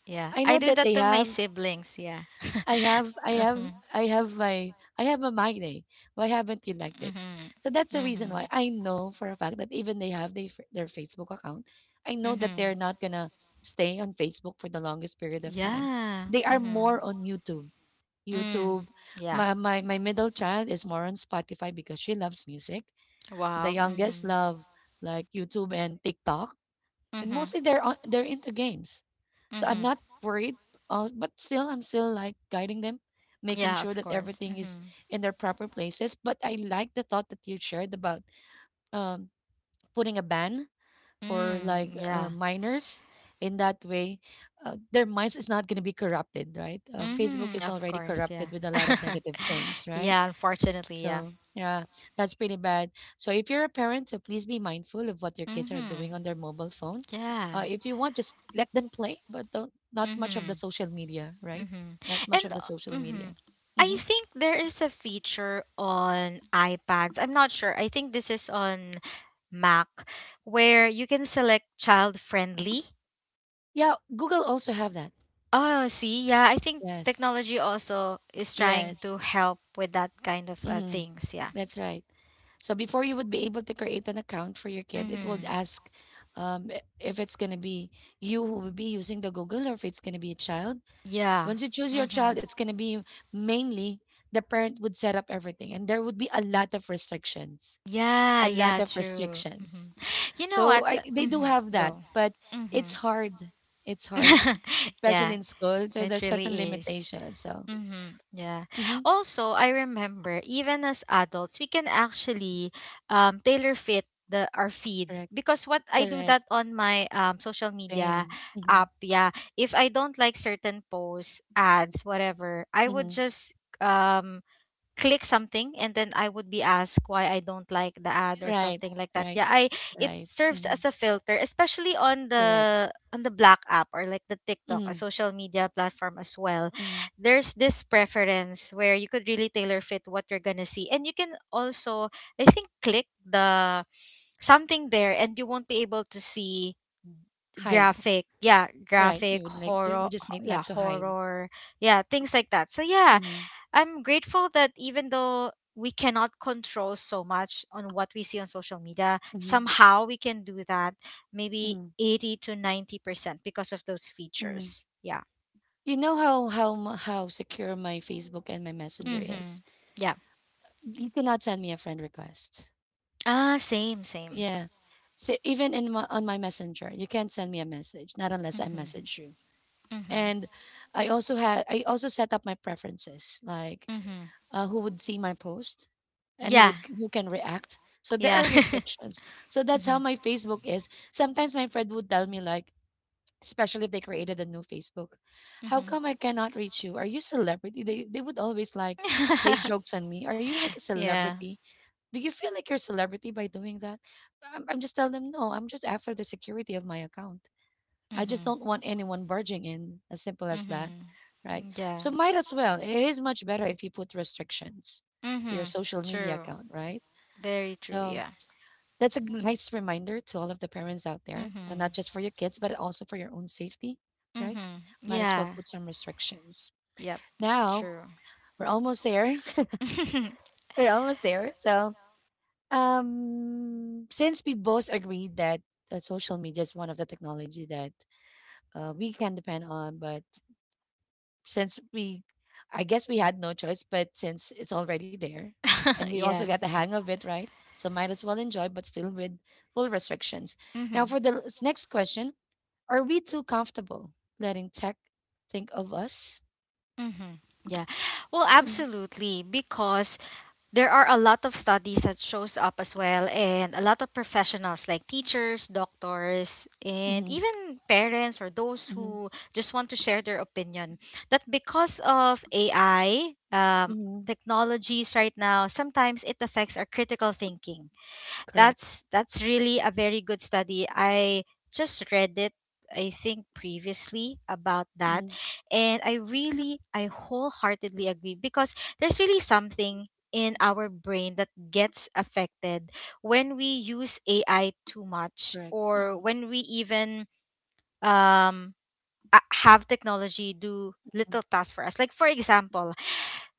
Speaker 2: Yeah.
Speaker 1: I
Speaker 2: I
Speaker 1: know
Speaker 2: do
Speaker 1: that
Speaker 2: that
Speaker 1: they
Speaker 2: to my
Speaker 1: have
Speaker 2: siblings, yeah.
Speaker 1: I have I
Speaker 2: <laughs>
Speaker 1: have
Speaker 2: mhm.
Speaker 1: I have a migraine. Why haven't you liked it?
Speaker 2: Mhm.
Speaker 1: So that's the reason why
Speaker 2: Mhm.
Speaker 1: I know for a fact that even they have their their Facebook account, I know that
Speaker 2: Mhm.
Speaker 1: they're not gonna stay on Facebook for the longest period of time.
Speaker 2: Yeah.
Speaker 1: They are
Speaker 2: Mhm.
Speaker 1: more on YouTube.
Speaker 2: Mm.
Speaker 1: YouTube.
Speaker 2: Yeah.
Speaker 1: My middle child is more on Spotify because she loves music. The
Speaker 2: Wow.
Speaker 1: youngest
Speaker 2: Mhm.
Speaker 1: love like YouTube and TikTok, and
Speaker 2: Mhm.
Speaker 1: mostly they're into games, so I'm
Speaker 2: Mhm.
Speaker 1: not worried. But still I'm still like guiding them, making
Speaker 2: Yeah,
Speaker 1: sure
Speaker 2: of
Speaker 1: that
Speaker 2: course.
Speaker 1: everything is
Speaker 2: Mhm.
Speaker 1: in their proper places. But I like the thought that you shared about um, putting a ban for
Speaker 2: Mm,
Speaker 1: like
Speaker 2: yeah.
Speaker 1: minors, in that way their minds is not going to be corrupted, right? Facebook
Speaker 2: Mhm,
Speaker 1: is
Speaker 2: of
Speaker 1: already
Speaker 2: course, yeah.
Speaker 1: corrupted with a lot of
Speaker 2: <laughs>
Speaker 1: negative things, right?
Speaker 2: yeah, unfortunately, yeah.
Speaker 1: So, yeah, that's pretty bad. So, if you're a parent, so please be mindful of what your kids are doing
Speaker 2: Mhm.
Speaker 1: on their mobile phone.
Speaker 2: Yeah.
Speaker 1: If you want, just let them play, but don't not much of the
Speaker 2: Mhm.
Speaker 1: social media, right?
Speaker 2: Mhm.
Speaker 1: Not much
Speaker 2: And
Speaker 1: of the social
Speaker 2: mhm.
Speaker 1: media.
Speaker 2: I
Speaker 1: Mm-hmm.
Speaker 2: think there is a feature on iPads. I'm not sure. I think this is on Mac where you can select child friendly.
Speaker 1: Yeah, Google also have that.
Speaker 2: Oh, see, yeah, I think
Speaker 1: Yes,
Speaker 2: technology also is trying
Speaker 1: yes,
Speaker 2: to help with that kind of
Speaker 1: mm-hmm,
Speaker 2: things, yeah.
Speaker 1: that's right. So before you would be able to create an account for your kid, it would
Speaker 2: Mhm.
Speaker 1: ask if it's going to be you who will be using the Google or if it's going to be a child.
Speaker 2: Yeah.
Speaker 1: Once you choose your
Speaker 2: Mm-hmm.
Speaker 1: child, it's going to be mainly the parent would set up everything, and there would be a lot of restrictions,
Speaker 2: Yeah,
Speaker 1: a lot
Speaker 2: yeah,
Speaker 1: of
Speaker 2: true. Hmm.
Speaker 1: restrictions.
Speaker 2: You know what?
Speaker 1: They do have
Speaker 2: Mm-hmm.
Speaker 1: that,
Speaker 2: Go.
Speaker 1: but
Speaker 2: Mm-hmm.
Speaker 1: it's hard. It's hard,
Speaker 2: <laughs>
Speaker 1: especially
Speaker 2: yeah,
Speaker 1: in school. So
Speaker 2: it
Speaker 1: there's certain
Speaker 2: really is.
Speaker 1: limitations. So
Speaker 2: Mm-hmm. Yeah.
Speaker 1: mhm,
Speaker 2: Also, I remember even as adults, we can actually tailor fit the our feed
Speaker 1: correct,
Speaker 2: because what I do
Speaker 1: correct,
Speaker 2: that on my social media
Speaker 1: same,
Speaker 2: app. Yeah, if I don't like certain posts, ads, whatever, I would
Speaker 1: hmm
Speaker 2: just um click something and then I would be asked why I don't like the ad or
Speaker 1: right,
Speaker 2: something like that.
Speaker 1: right,
Speaker 2: Yeah, I it
Speaker 1: right,
Speaker 2: serves as a filter, especially
Speaker 1: correct,
Speaker 2: on the black app or like the TikTok, a
Speaker 1: hmm
Speaker 2: social media platform as well.
Speaker 1: hmm
Speaker 2: There's this preference where you could really tailor fit what you're gonna see. And you can also I think click the something there and you won't be able to see
Speaker 1: hide,
Speaker 2: graphic, yeah,
Speaker 1: right.
Speaker 2: graphic
Speaker 1: You would like just,
Speaker 2: horror,
Speaker 1: would just need
Speaker 2: yeah,
Speaker 1: like to hide.
Speaker 2: horror, yeah, things like that, so yeah,
Speaker 1: Mm-hmm,
Speaker 2: I'm grateful that even though we cannot control so much on what we see on social media,
Speaker 1: hmm
Speaker 2: somehow we can do that maybe 80 to 90% because of those
Speaker 1: hmm
Speaker 2: features. Yeah.
Speaker 1: You know how secure my Facebook and my Messenger is.
Speaker 2: Mm-hmm. Yeah.
Speaker 1: You cannot send me a friend request.
Speaker 2: Ah, same, same.
Speaker 1: Yeah. So even on my Messenger, you can't send me a message, not unless I
Speaker 2: Mm-hmm.
Speaker 1: message you.
Speaker 2: Mm-hmm.
Speaker 1: And I also set up my preferences, like
Speaker 2: Mm-hmm.
Speaker 1: who would see my post and
Speaker 2: Yeah.
Speaker 1: who can react. So there
Speaker 2: Yeah.
Speaker 1: are
Speaker 2: <laughs>
Speaker 1: restrictions. So that's
Speaker 2: mm-hmm.
Speaker 1: how my Facebook is. Sometimes my friend would tell me like, especially if they created a new Facebook, "How
Speaker 2: Mm-hmm.
Speaker 1: come I cannot reach you? Are you celebrity?" They would always like play jokes on me. "Are you like a
Speaker 2: <laughs> yeah.
Speaker 1: celebrity? Do you feel like you're a celebrity by doing that?" I'm just telling them no. I'm just after the security of my account. I just
Speaker 2: Mm-hmm.
Speaker 1: don't want anyone barging in. As simple as that, right?
Speaker 2: Mm-hmm. Yeah.
Speaker 1: So might as well. It is much better if you put restrictions to your
Speaker 2: Mm-hmm.
Speaker 1: social media
Speaker 2: True.
Speaker 1: account, right?
Speaker 2: Very true.
Speaker 1: So
Speaker 2: Yeah.
Speaker 1: that's a nice reminder to all of the parents out there, and not
Speaker 2: Mm-hmm.
Speaker 1: just for your kids, but also for your own safety, right?
Speaker 2: Mm-hmm.
Speaker 1: Might as well
Speaker 2: Yeah.
Speaker 1: put some restrictions.
Speaker 2: Yep.
Speaker 1: Now
Speaker 2: True.
Speaker 1: we're almost there. <laughs> We're almost there. So, since we both agreed that social media is one of the technology that we can depend on, but since we I guess we had no choice, but since it's already there and we
Speaker 2: <laughs>
Speaker 1: also
Speaker 2: yeah.
Speaker 1: got the hang of it, right? So might as well enjoy, but still with full restrictions. Now, for
Speaker 2: Mhm.
Speaker 1: the next question, are we too comfortable letting tech think of us?
Speaker 2: Mhm. Yeah. Well,
Speaker 1: Mhm,
Speaker 2: absolutely because there are a lot of studies that shows up as well and a lot of professionals like teachers, doctors, and
Speaker 1: mhm,
Speaker 2: even parents or those
Speaker 1: mhm,
Speaker 2: who just want to share their opinion that because of AI
Speaker 1: mhm.
Speaker 2: technologies right now, sometimes it affects our critical thinking.
Speaker 1: Correct.
Speaker 2: That's really a very good study. I just read it I think previously about that
Speaker 1: Mhm.
Speaker 2: and I really I wholeheartedly agree because there's really something in our brain that gets affected when we use AI too much
Speaker 1: Correct.
Speaker 2: or
Speaker 1: Mhm,
Speaker 2: when we even um have technology do little tasks for us. Like for example,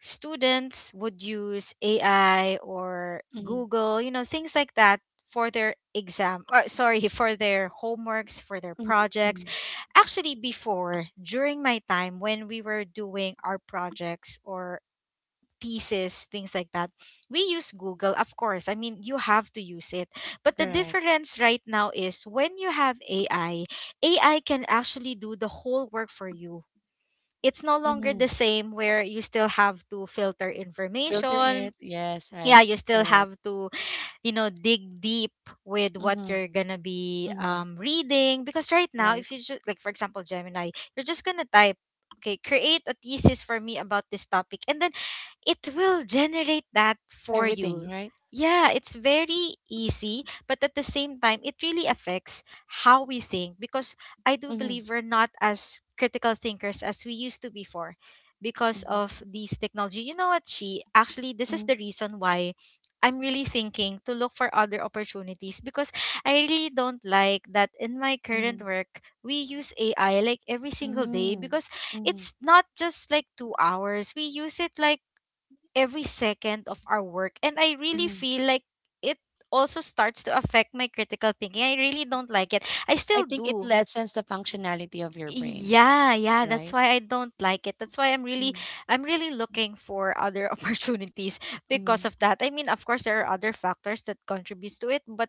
Speaker 2: students would use AI or
Speaker 1: mhm,
Speaker 2: Google, you know, things like that for their exam, or sorry, <laughs> for their homeworks, for their
Speaker 1: mhm,
Speaker 2: projects.
Speaker 1: mhm.
Speaker 2: Actually, before, during my time when we were doing our projects or thesis, things like that, we use Google, of course. I mean, you have to use it. But the
Speaker 1: Correct.
Speaker 2: difference right now is when you have AI, AI can actually do the whole work for you. It's no longer
Speaker 1: Mhm.
Speaker 2: the same where you still have to filter
Speaker 1: Filter
Speaker 2: information,
Speaker 1: it. Yes,
Speaker 2: yeah,
Speaker 1: right.
Speaker 2: you still
Speaker 1: Correct.
Speaker 2: have to, you know, dig deep with what
Speaker 1: Mm-hmm.
Speaker 2: you're gonna be
Speaker 1: Mm-hmm.
Speaker 2: reading because right now
Speaker 1: Right.
Speaker 2: if you just like for example Gemini you're just gonna type okay create a thesis for me about this topic and then it will generate that for
Speaker 1: Everything,
Speaker 2: you.
Speaker 1: right?
Speaker 2: Yeah, it's very easy, but at the same time, it really affects how we think because I do
Speaker 1: Mm-hmm.
Speaker 2: believe we're not as critical thinkers as we used to before because of these technology. You know what, Chi? Actually, this is the reason why I'm really thinking to look for other opportunities because I really don't like that in my current
Speaker 1: Mm-hmm.
Speaker 2: work, we use AI like every single day
Speaker 1: Mm.
Speaker 2: because
Speaker 1: Mm,
Speaker 2: it's not just like 2 hours. We use it like every second of our work. And I really
Speaker 1: mm.
Speaker 2: feel like it also starts to affect my critical thinking. I really don't like it. I
Speaker 1: I
Speaker 2: still
Speaker 1: think it
Speaker 2: do
Speaker 1: lessens the functionality of your brain,
Speaker 2: yeah, yeah, that's
Speaker 1: right?
Speaker 2: why I don't like it. That's why
Speaker 1: Mm,
Speaker 2: I'm really looking for other <laughs> opportunities because
Speaker 1: mm,
Speaker 2: of that. I mean, of course there are other factors that contributes to it, but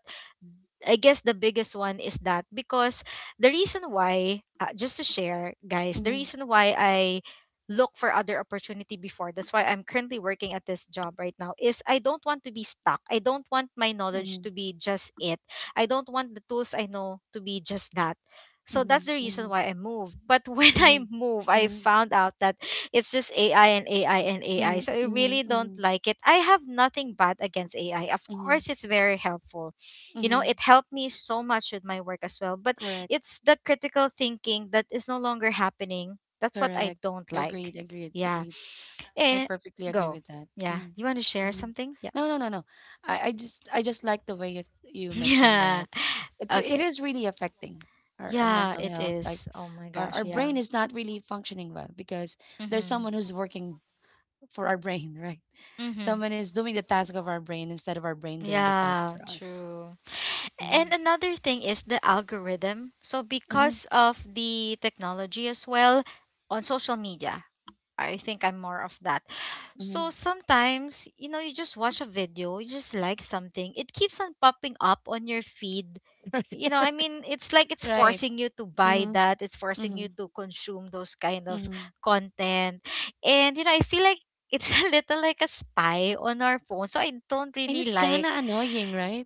Speaker 2: I guess the biggest one is that because the reason why just to share, guys, the
Speaker 1: mm,
Speaker 2: reason why I look for other opportunity before that's why I'm currently working at this job right now is I don't want to be stuck, I don't want my knowledge
Speaker 1: mm,
Speaker 2: to be just it, I don't want the tools I know to be just that, so that's
Speaker 1: mm,
Speaker 2: the reason
Speaker 1: mm,
Speaker 2: why I moved. But <laughs> when I
Speaker 1: mm,
Speaker 2: move, I
Speaker 1: mm,
Speaker 2: found out that it's just AI and AI and AI.
Speaker 1: mm,
Speaker 2: So I really
Speaker 1: mm,
Speaker 2: don't
Speaker 1: mm,
Speaker 2: like it. I have nothing bad against AI. Of
Speaker 1: mm,
Speaker 2: course, it's very helpful. You know,
Speaker 1: mm.
Speaker 2: it helped me so much with my work as well. But
Speaker 1: Correct,
Speaker 2: it's the critical thinking that is no longer happening. That's what I
Speaker 1: correct.
Speaker 2: don't like.
Speaker 1: Agreed, agreed,
Speaker 2: Yeah.
Speaker 1: agreed. I
Speaker 2: Eh,
Speaker 1: perfectly agree
Speaker 2: go.
Speaker 1: with that.
Speaker 2: Yeah.
Speaker 1: Mm,
Speaker 2: You want to share
Speaker 1: mm.
Speaker 2: something? Yeah.
Speaker 1: No, no,
Speaker 2: <laughs>
Speaker 1: no, no. I just like the way you mentioned
Speaker 2: Yeah.
Speaker 1: that it
Speaker 2: Okay.
Speaker 1: is really affecting our
Speaker 2: Yeah,
Speaker 1: mental
Speaker 2: it
Speaker 1: health, like
Speaker 2: is. Oh my gosh.
Speaker 1: our
Speaker 2: Yeah.
Speaker 1: brain is not really functioning well because there's
Speaker 2: Mm-hmm.
Speaker 1: someone who's working for our <laughs> brain, right?
Speaker 2: Mm-hmm.
Speaker 1: Someone is doing the task of our brain instead of our brain doing the task
Speaker 2: Yeah,
Speaker 1: for us.
Speaker 2: true.
Speaker 1: hmm
Speaker 2: And another thing is the algorithm. So
Speaker 1: hmm
Speaker 2: because of the technology as well on social media, I think I'm more of that.
Speaker 1: hmm
Speaker 2: So sometimes, you know, you just watch a video, you just like something, it keeps on popping up on your feed.
Speaker 1: <laughs>
Speaker 2: You know, I mean, it's like it's
Speaker 1: right
Speaker 2: forcing you to buy
Speaker 1: hmm
Speaker 2: that, it's forcing you
Speaker 1: hmm
Speaker 2: to consume those kind of
Speaker 1: hmm
Speaker 2: content. And, you know, I feel like it's <laughs> a little like a spy on our phone. So I don't
Speaker 1: and it's
Speaker 2: really
Speaker 1: kind of
Speaker 2: like
Speaker 1: annoying, right?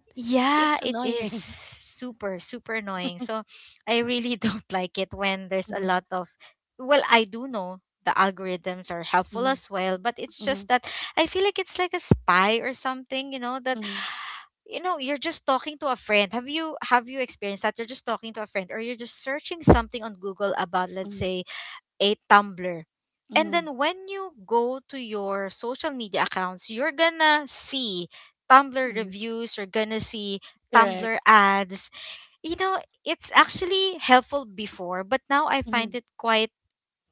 Speaker 1: It's
Speaker 2: yeah, it is
Speaker 1: annoying.
Speaker 2: super, super annoying. So I really <laughs> don't like it when
Speaker 1: <laughs>
Speaker 2: there's a
Speaker 1: hmm
Speaker 2: lot of, well, I do know the algorithms are helpful
Speaker 1: hmm
Speaker 2: as well, but it's
Speaker 1: hmm
Speaker 2: just that I feel like it's like a spy or something, you know, that
Speaker 1: hmm
Speaker 2: you know, you're just talking to a friend. Have you experienced that? You're just talking to a friend or you're just searching something on Google about let's
Speaker 1: hmm
Speaker 2: say a Tumblr. And
Speaker 1: hmm
Speaker 2: then when you go to your social media accounts, you're gonna see Tumblr
Speaker 1: hmm
Speaker 2: reviews, you're gonna see
Speaker 1: Correct.
Speaker 2: Tumblr ads. You know, it's actually helpful before, but now I find
Speaker 1: hmm
Speaker 2: it quite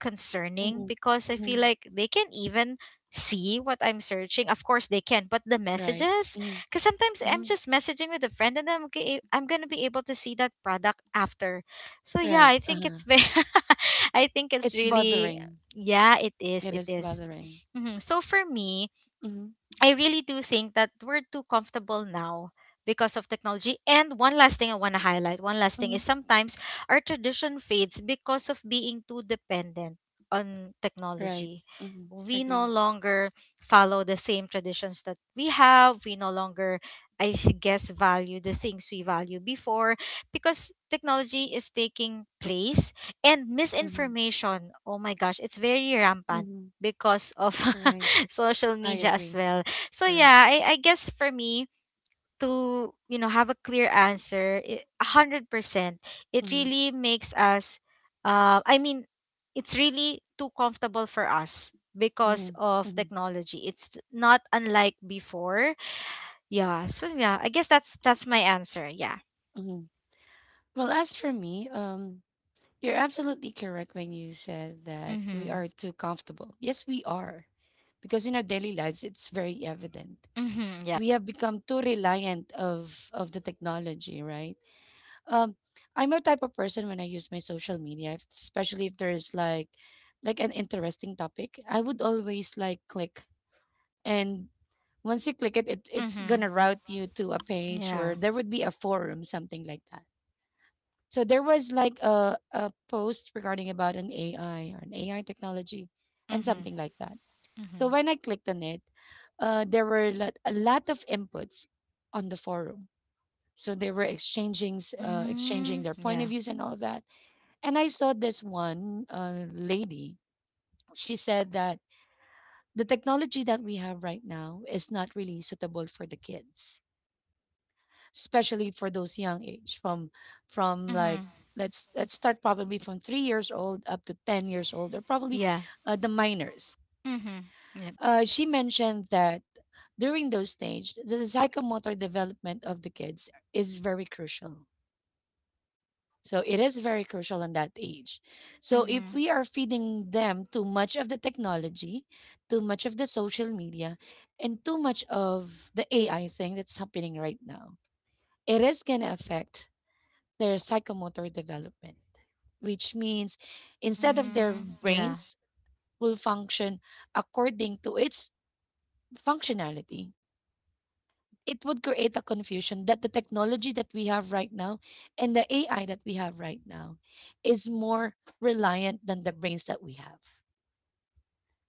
Speaker 2: concerning
Speaker 1: hmm
Speaker 2: because I
Speaker 1: hmm
Speaker 2: feel like they can even see what I'm searching. Of course they can, but the
Speaker 1: right.
Speaker 2: messages,
Speaker 1: hmm
Speaker 2: because sometimes I'm
Speaker 1: hmm
Speaker 2: just messaging with a friend and I'm okay, I'm gonna be able to see that product after. So yeah, I
Speaker 1: right.
Speaker 2: think it's
Speaker 1: Uh-huh.
Speaker 2: very, <laughs> I think it's
Speaker 1: It's
Speaker 2: really,
Speaker 1: bothering.
Speaker 2: yeah, it is,
Speaker 1: It
Speaker 2: it
Speaker 1: is
Speaker 2: is.
Speaker 1: bothering.
Speaker 2: Mhm. So for me,
Speaker 1: Mhm.
Speaker 2: I really do think that we're too comfortable now because of technology. And one last thing I want to highlight, one last thing is
Speaker 1: Mhm.
Speaker 2: sometimes our tradition fades because of being too dependent on
Speaker 1: Right.
Speaker 2: technology.
Speaker 1: Mhm.
Speaker 2: We no
Speaker 1: Agree.
Speaker 2: longer follow the same traditions that we have. We no longer, I guess, value the things we value before because technology is taking place and
Speaker 1: Mhm.
Speaker 2: misinformation. Oh my gosh, it's very rampant
Speaker 1: Mhm.
Speaker 2: because of
Speaker 1: Right.
Speaker 2: <laughs> social
Speaker 1: I
Speaker 2: media as
Speaker 1: agree.
Speaker 2: well, so
Speaker 1: Correct.
Speaker 2: yeah, I guess for me to you know have a clear answer, 100%, it
Speaker 1: Mhm.
Speaker 2: really makes us. I mean, it's really too comfortable for us
Speaker 1: Mhm.
Speaker 2: because of
Speaker 1: Mhm.
Speaker 2: technology. It's not unlike before. Yeah. So yeah, I guess that's my answer. Yeah.
Speaker 1: Mhm. Well, as for me, you're absolutely correct when you said that we
Speaker 2: Mhm.
Speaker 1: are too comfortable. Yes, we are, because in our daily lives, it's very evident.
Speaker 2: Mhm. Yeah.
Speaker 1: We have become too reliant of the technology, right? um I'm a type of person when I use my social media, if, especially if there is like an interesting topic, I would always like click, and once you click it, it it's gonna
Speaker 2: Mhm.
Speaker 1: route you to a page where
Speaker 2: Yeah.
Speaker 1: there would be a forum, something like that. So there was like a post regarding about an AI or an AI technology and
Speaker 2: Mhm.
Speaker 1: something like that. So
Speaker 2: Mhm.
Speaker 1: when I clicked on it, there were a lot of inputs on the forum. So they were exchanging exchanging
Speaker 2: Mhm.
Speaker 1: their point of
Speaker 2: Yeah.
Speaker 1: views and all that, and I saw this one lady. She said that the technology that we have right now is not really suitable for the kids, especially for those young age, from like
Speaker 2: Mhm.
Speaker 1: let's start probably from 3 years old up to 10 years old, or probably
Speaker 2: Yeah.
Speaker 1: the minors.
Speaker 2: Mhm. Yep.
Speaker 1: She mentioned that during those stage, the psychomotor development of the kids is very crucial. So it is very crucial in that age. So if
Speaker 2: Mhm.
Speaker 1: we are feeding them too much of the technology, too much of the social media, and too much of the AI thing that's happening right now, it is going to affect their psychomotor development, which means instead of their
Speaker 2: Mhm. Yeah.
Speaker 1: brains will function according to its functionality, it would create a confusion that the technology that we have right now and the AI that we have right now is more reliant than the brains that we have.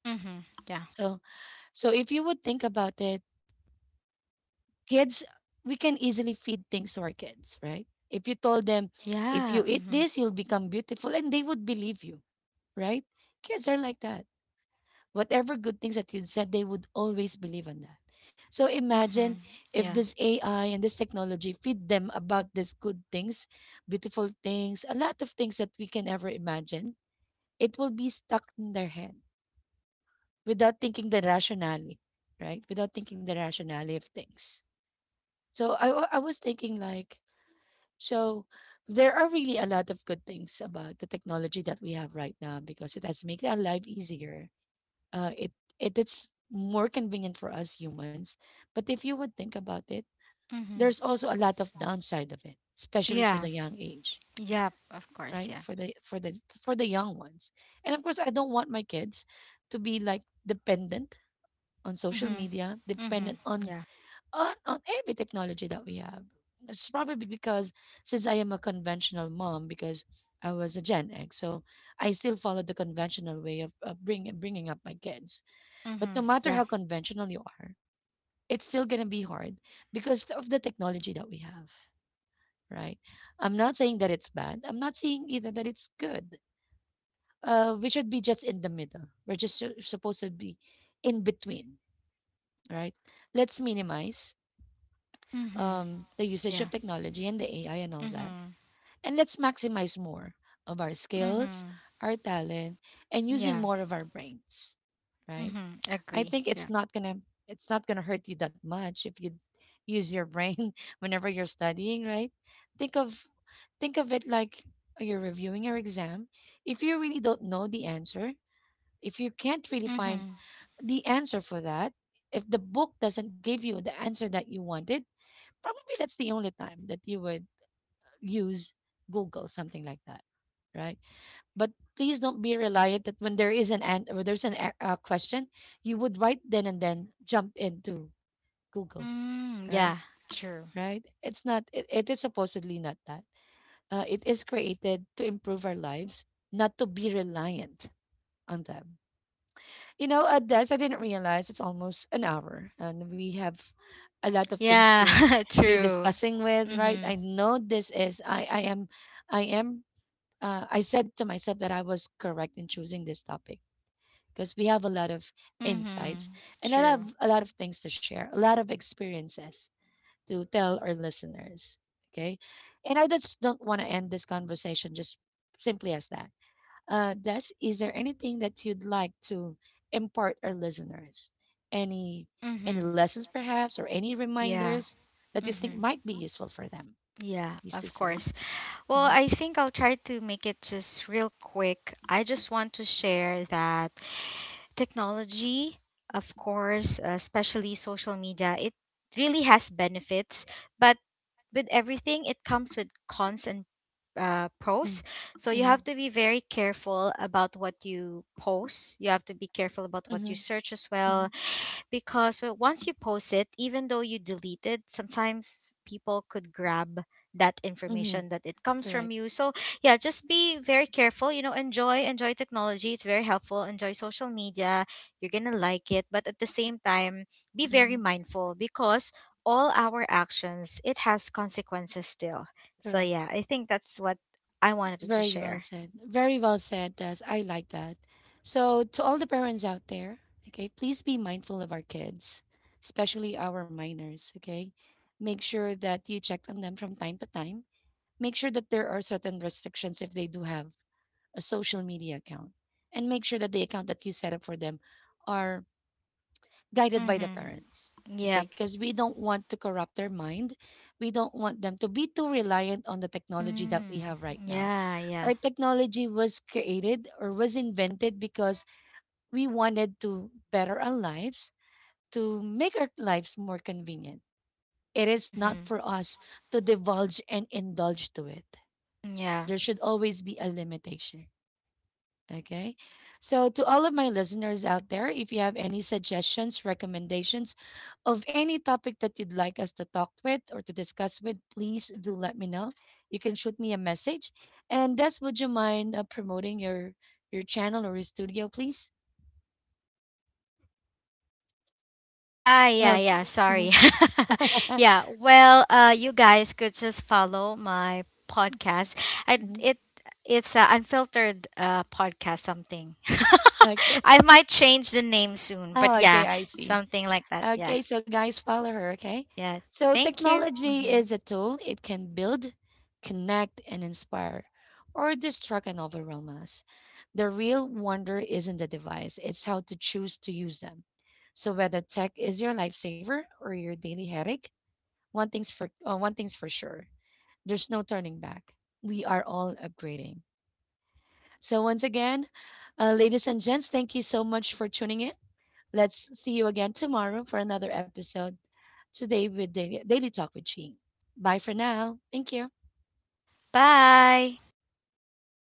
Speaker 2: Mm-hmm. Yeah.
Speaker 1: So, so if you would think about it, kids, we can easily feed things to our kids, right? If you told them, if you
Speaker 2: Yeah.
Speaker 1: eat
Speaker 2: Mm-hmm.
Speaker 1: this, you'll become beautiful, and they would believe you, right? Kids are like that. Whatever good things that you said, they would always believe on that. So imagine
Speaker 2: Mm-hmm.
Speaker 1: if
Speaker 2: Yeah.
Speaker 1: this AI and this technology feed them about these good things, beautiful things, a lot of things that we can ever imagine, it will be stuck in their head without thinking the rationale, right? Without thinking the rationale of things. So I was thinking, like, so there are really a lot of good things about the technology that we have right now because it has made our life easier. uh, it, it's more convenient for us humans. But if you would think about it,
Speaker 2: Mm-hmm.
Speaker 1: there's also a lot of downside of it, especially for
Speaker 2: Yeah.
Speaker 1: the young age,
Speaker 2: Yeah. Of course.
Speaker 1: right?
Speaker 2: Yeah.
Speaker 1: For the for the young ones. And of course, I don't want my kids to be like dependent on social
Speaker 2: Mm-hmm.
Speaker 1: media,
Speaker 2: Mm-hmm.
Speaker 1: dependent
Speaker 2: Yeah.
Speaker 1: on every technology that we have. It's probably because since I am a conventional mom, because I was a Gen X, so I still follow the conventional way of bringing up my kids, but
Speaker 2: Mm-hmm.
Speaker 1: no matter
Speaker 2: Yeah.
Speaker 1: how conventional you are, it's still going to be hard because of the technology that we have, right? I'm not saying that it's bad. I'm not saying either that it's good. We should be just in the middle. We're just supposed to be in between, right? Let's minimize
Speaker 2: Mm-hmm.
Speaker 1: the usage
Speaker 2: Yeah.
Speaker 1: of technology and the AI and all that.
Speaker 2: Mm-hmm.
Speaker 1: And let's maximize more of our skills,
Speaker 2: Mm-hmm.
Speaker 1: our talent, and using
Speaker 2: Yeah.
Speaker 1: more of our brains, right?
Speaker 2: Mm-hmm.
Speaker 1: I
Speaker 2: Agree.
Speaker 1: think
Speaker 2: Yeah.
Speaker 1: it's not gonna it's not gonna hurt you that much if you use your brain <laughs> whenever you're studying, right? Think of think of it like you're reviewing your exam. If you really don't know the answer, if you can't really find
Speaker 2: Mm-hmm.
Speaker 1: the answer for that, if the book doesn't give you the answer that you wanted, probably that's the only time that you would use Google, something like that, right? But please don't be reliant that when there's an a question, you would right then and then jump into Google,
Speaker 2: Mm,
Speaker 1: right?
Speaker 2: yeah. True.
Speaker 1: Right? It's not. It is supposedly not that. It is created to improve our lives, not to be reliant on them. You know, at this, I didn't realize it's almost an hour, and we have a lot of things to
Speaker 2: Yeah. <laughs>
Speaker 1: be
Speaker 2: True.
Speaker 1: discussing with, right?
Speaker 2: Mm-hmm.
Speaker 1: I know this is. I am. I am. I said to myself that I was correct in choosing this topic because we have a lot of
Speaker 2: Mm-hmm.
Speaker 1: insights and I
Speaker 2: True.
Speaker 1: have a lot of things to share, a lot of experiences to tell our listeners. Okay. And I just don't want to end this conversation just simply as that. Des, is there anything that you'd like to impart our listeners? Any any
Speaker 2: Mm-hmm.
Speaker 1: lessons perhaps or any
Speaker 2: Yeah.
Speaker 1: reminders that you
Speaker 2: Mm-hmm.
Speaker 1: think might be useful for them?
Speaker 2: Yeah.
Speaker 1: Please
Speaker 2: Of
Speaker 1: do so.
Speaker 2: course. Well,
Speaker 1: Mm-hmm.
Speaker 2: I think I'll try to make it just real quick. I just want to share that technology, of course, especially social media, it really has benefits, but with everything, it comes with cons and pros. So you
Speaker 1: Mm-hmm.
Speaker 2: have to be very careful about what you post. You have to be careful about what
Speaker 1: Mm-hmm.
Speaker 2: you search as well because well, once you post it, even though you delete it, sometimes people could grab that
Speaker 1: Mm-hmm.
Speaker 2: information that it comes from
Speaker 1: Correct.
Speaker 2: you. So yeah, just be very careful. You know, enjoy technology. It's very helpful. Enjoy social media. You're gonna like it, but at the same time, be very
Speaker 1: Mm-hmm.
Speaker 2: mindful because all our actions it has consequences still. So
Speaker 1: Correct.
Speaker 2: yeah, I think that's what I wanted to
Speaker 1: Very well
Speaker 2: share.
Speaker 1: said. Very well said, Des. I like that. So, to all the parents out there, okay, please be mindful of our kids, especially our minors, okay? Make sure that you check on them from time to time. Make sure that there are certain restrictions if they do have a social media account. And make sure that the account that you set up for them are guided by the
Speaker 2: Mm-hmm.
Speaker 1: parents. Okay,
Speaker 2: Yep.
Speaker 1: because we don't want to corrupt their mind. We don't want them to be too reliant on the technology that we
Speaker 2: Mm,
Speaker 1: have right now.
Speaker 2: yeah. Yeah.
Speaker 1: Our technology was created or was invented because we wanted to better our lives, to make our lives more convenient. It is not
Speaker 2: Mm-hmm.
Speaker 1: for us to divulge and indulge to it.
Speaker 2: Yeah.
Speaker 1: There should always be a limitation. Okay. So, to all of my listeners out there, if you have any suggestions, recommendations of any topic that you'd like us to talk with or to discuss with, please do let me know. You can shoot me a message. And Des, would you mind promoting your channel or your studio, please?
Speaker 2: Hi, yeah, yeah,
Speaker 1: Okay. Mhm.
Speaker 2: sorry. <laughs>
Speaker 1: <laughs>
Speaker 2: yeah, well, you guys could just follow my podcast. I,
Speaker 1: Mhm.
Speaker 2: it it's a unfiltered podcast something.
Speaker 1: Okay.
Speaker 2: <laughs> I
Speaker 1: <laughs>
Speaker 2: might change the name soon, but
Speaker 1: Oh,
Speaker 2: yeah,
Speaker 1: okay. I see.
Speaker 2: something like that. Yeah,
Speaker 1: Okay, so guys, follow her, okay?
Speaker 2: yeah.
Speaker 1: So
Speaker 2: Thank you.
Speaker 1: technology
Speaker 2: Hmm.
Speaker 1: is a tool. It can build, connect, and inspire, or distract and overwhelm us. The real wonder isn't the device, it's how to choose to use them. So whether tech is your lifesaver or your daily headache, one thing's for sure. There's no turning back. We are all upgrading. So once again, ladies and gents, thank you so much for tuning in. Let's see you again tomorrow for another episode. Today with Daily Talk with Chi. Bye for now. Thank you.
Speaker 2: Bye.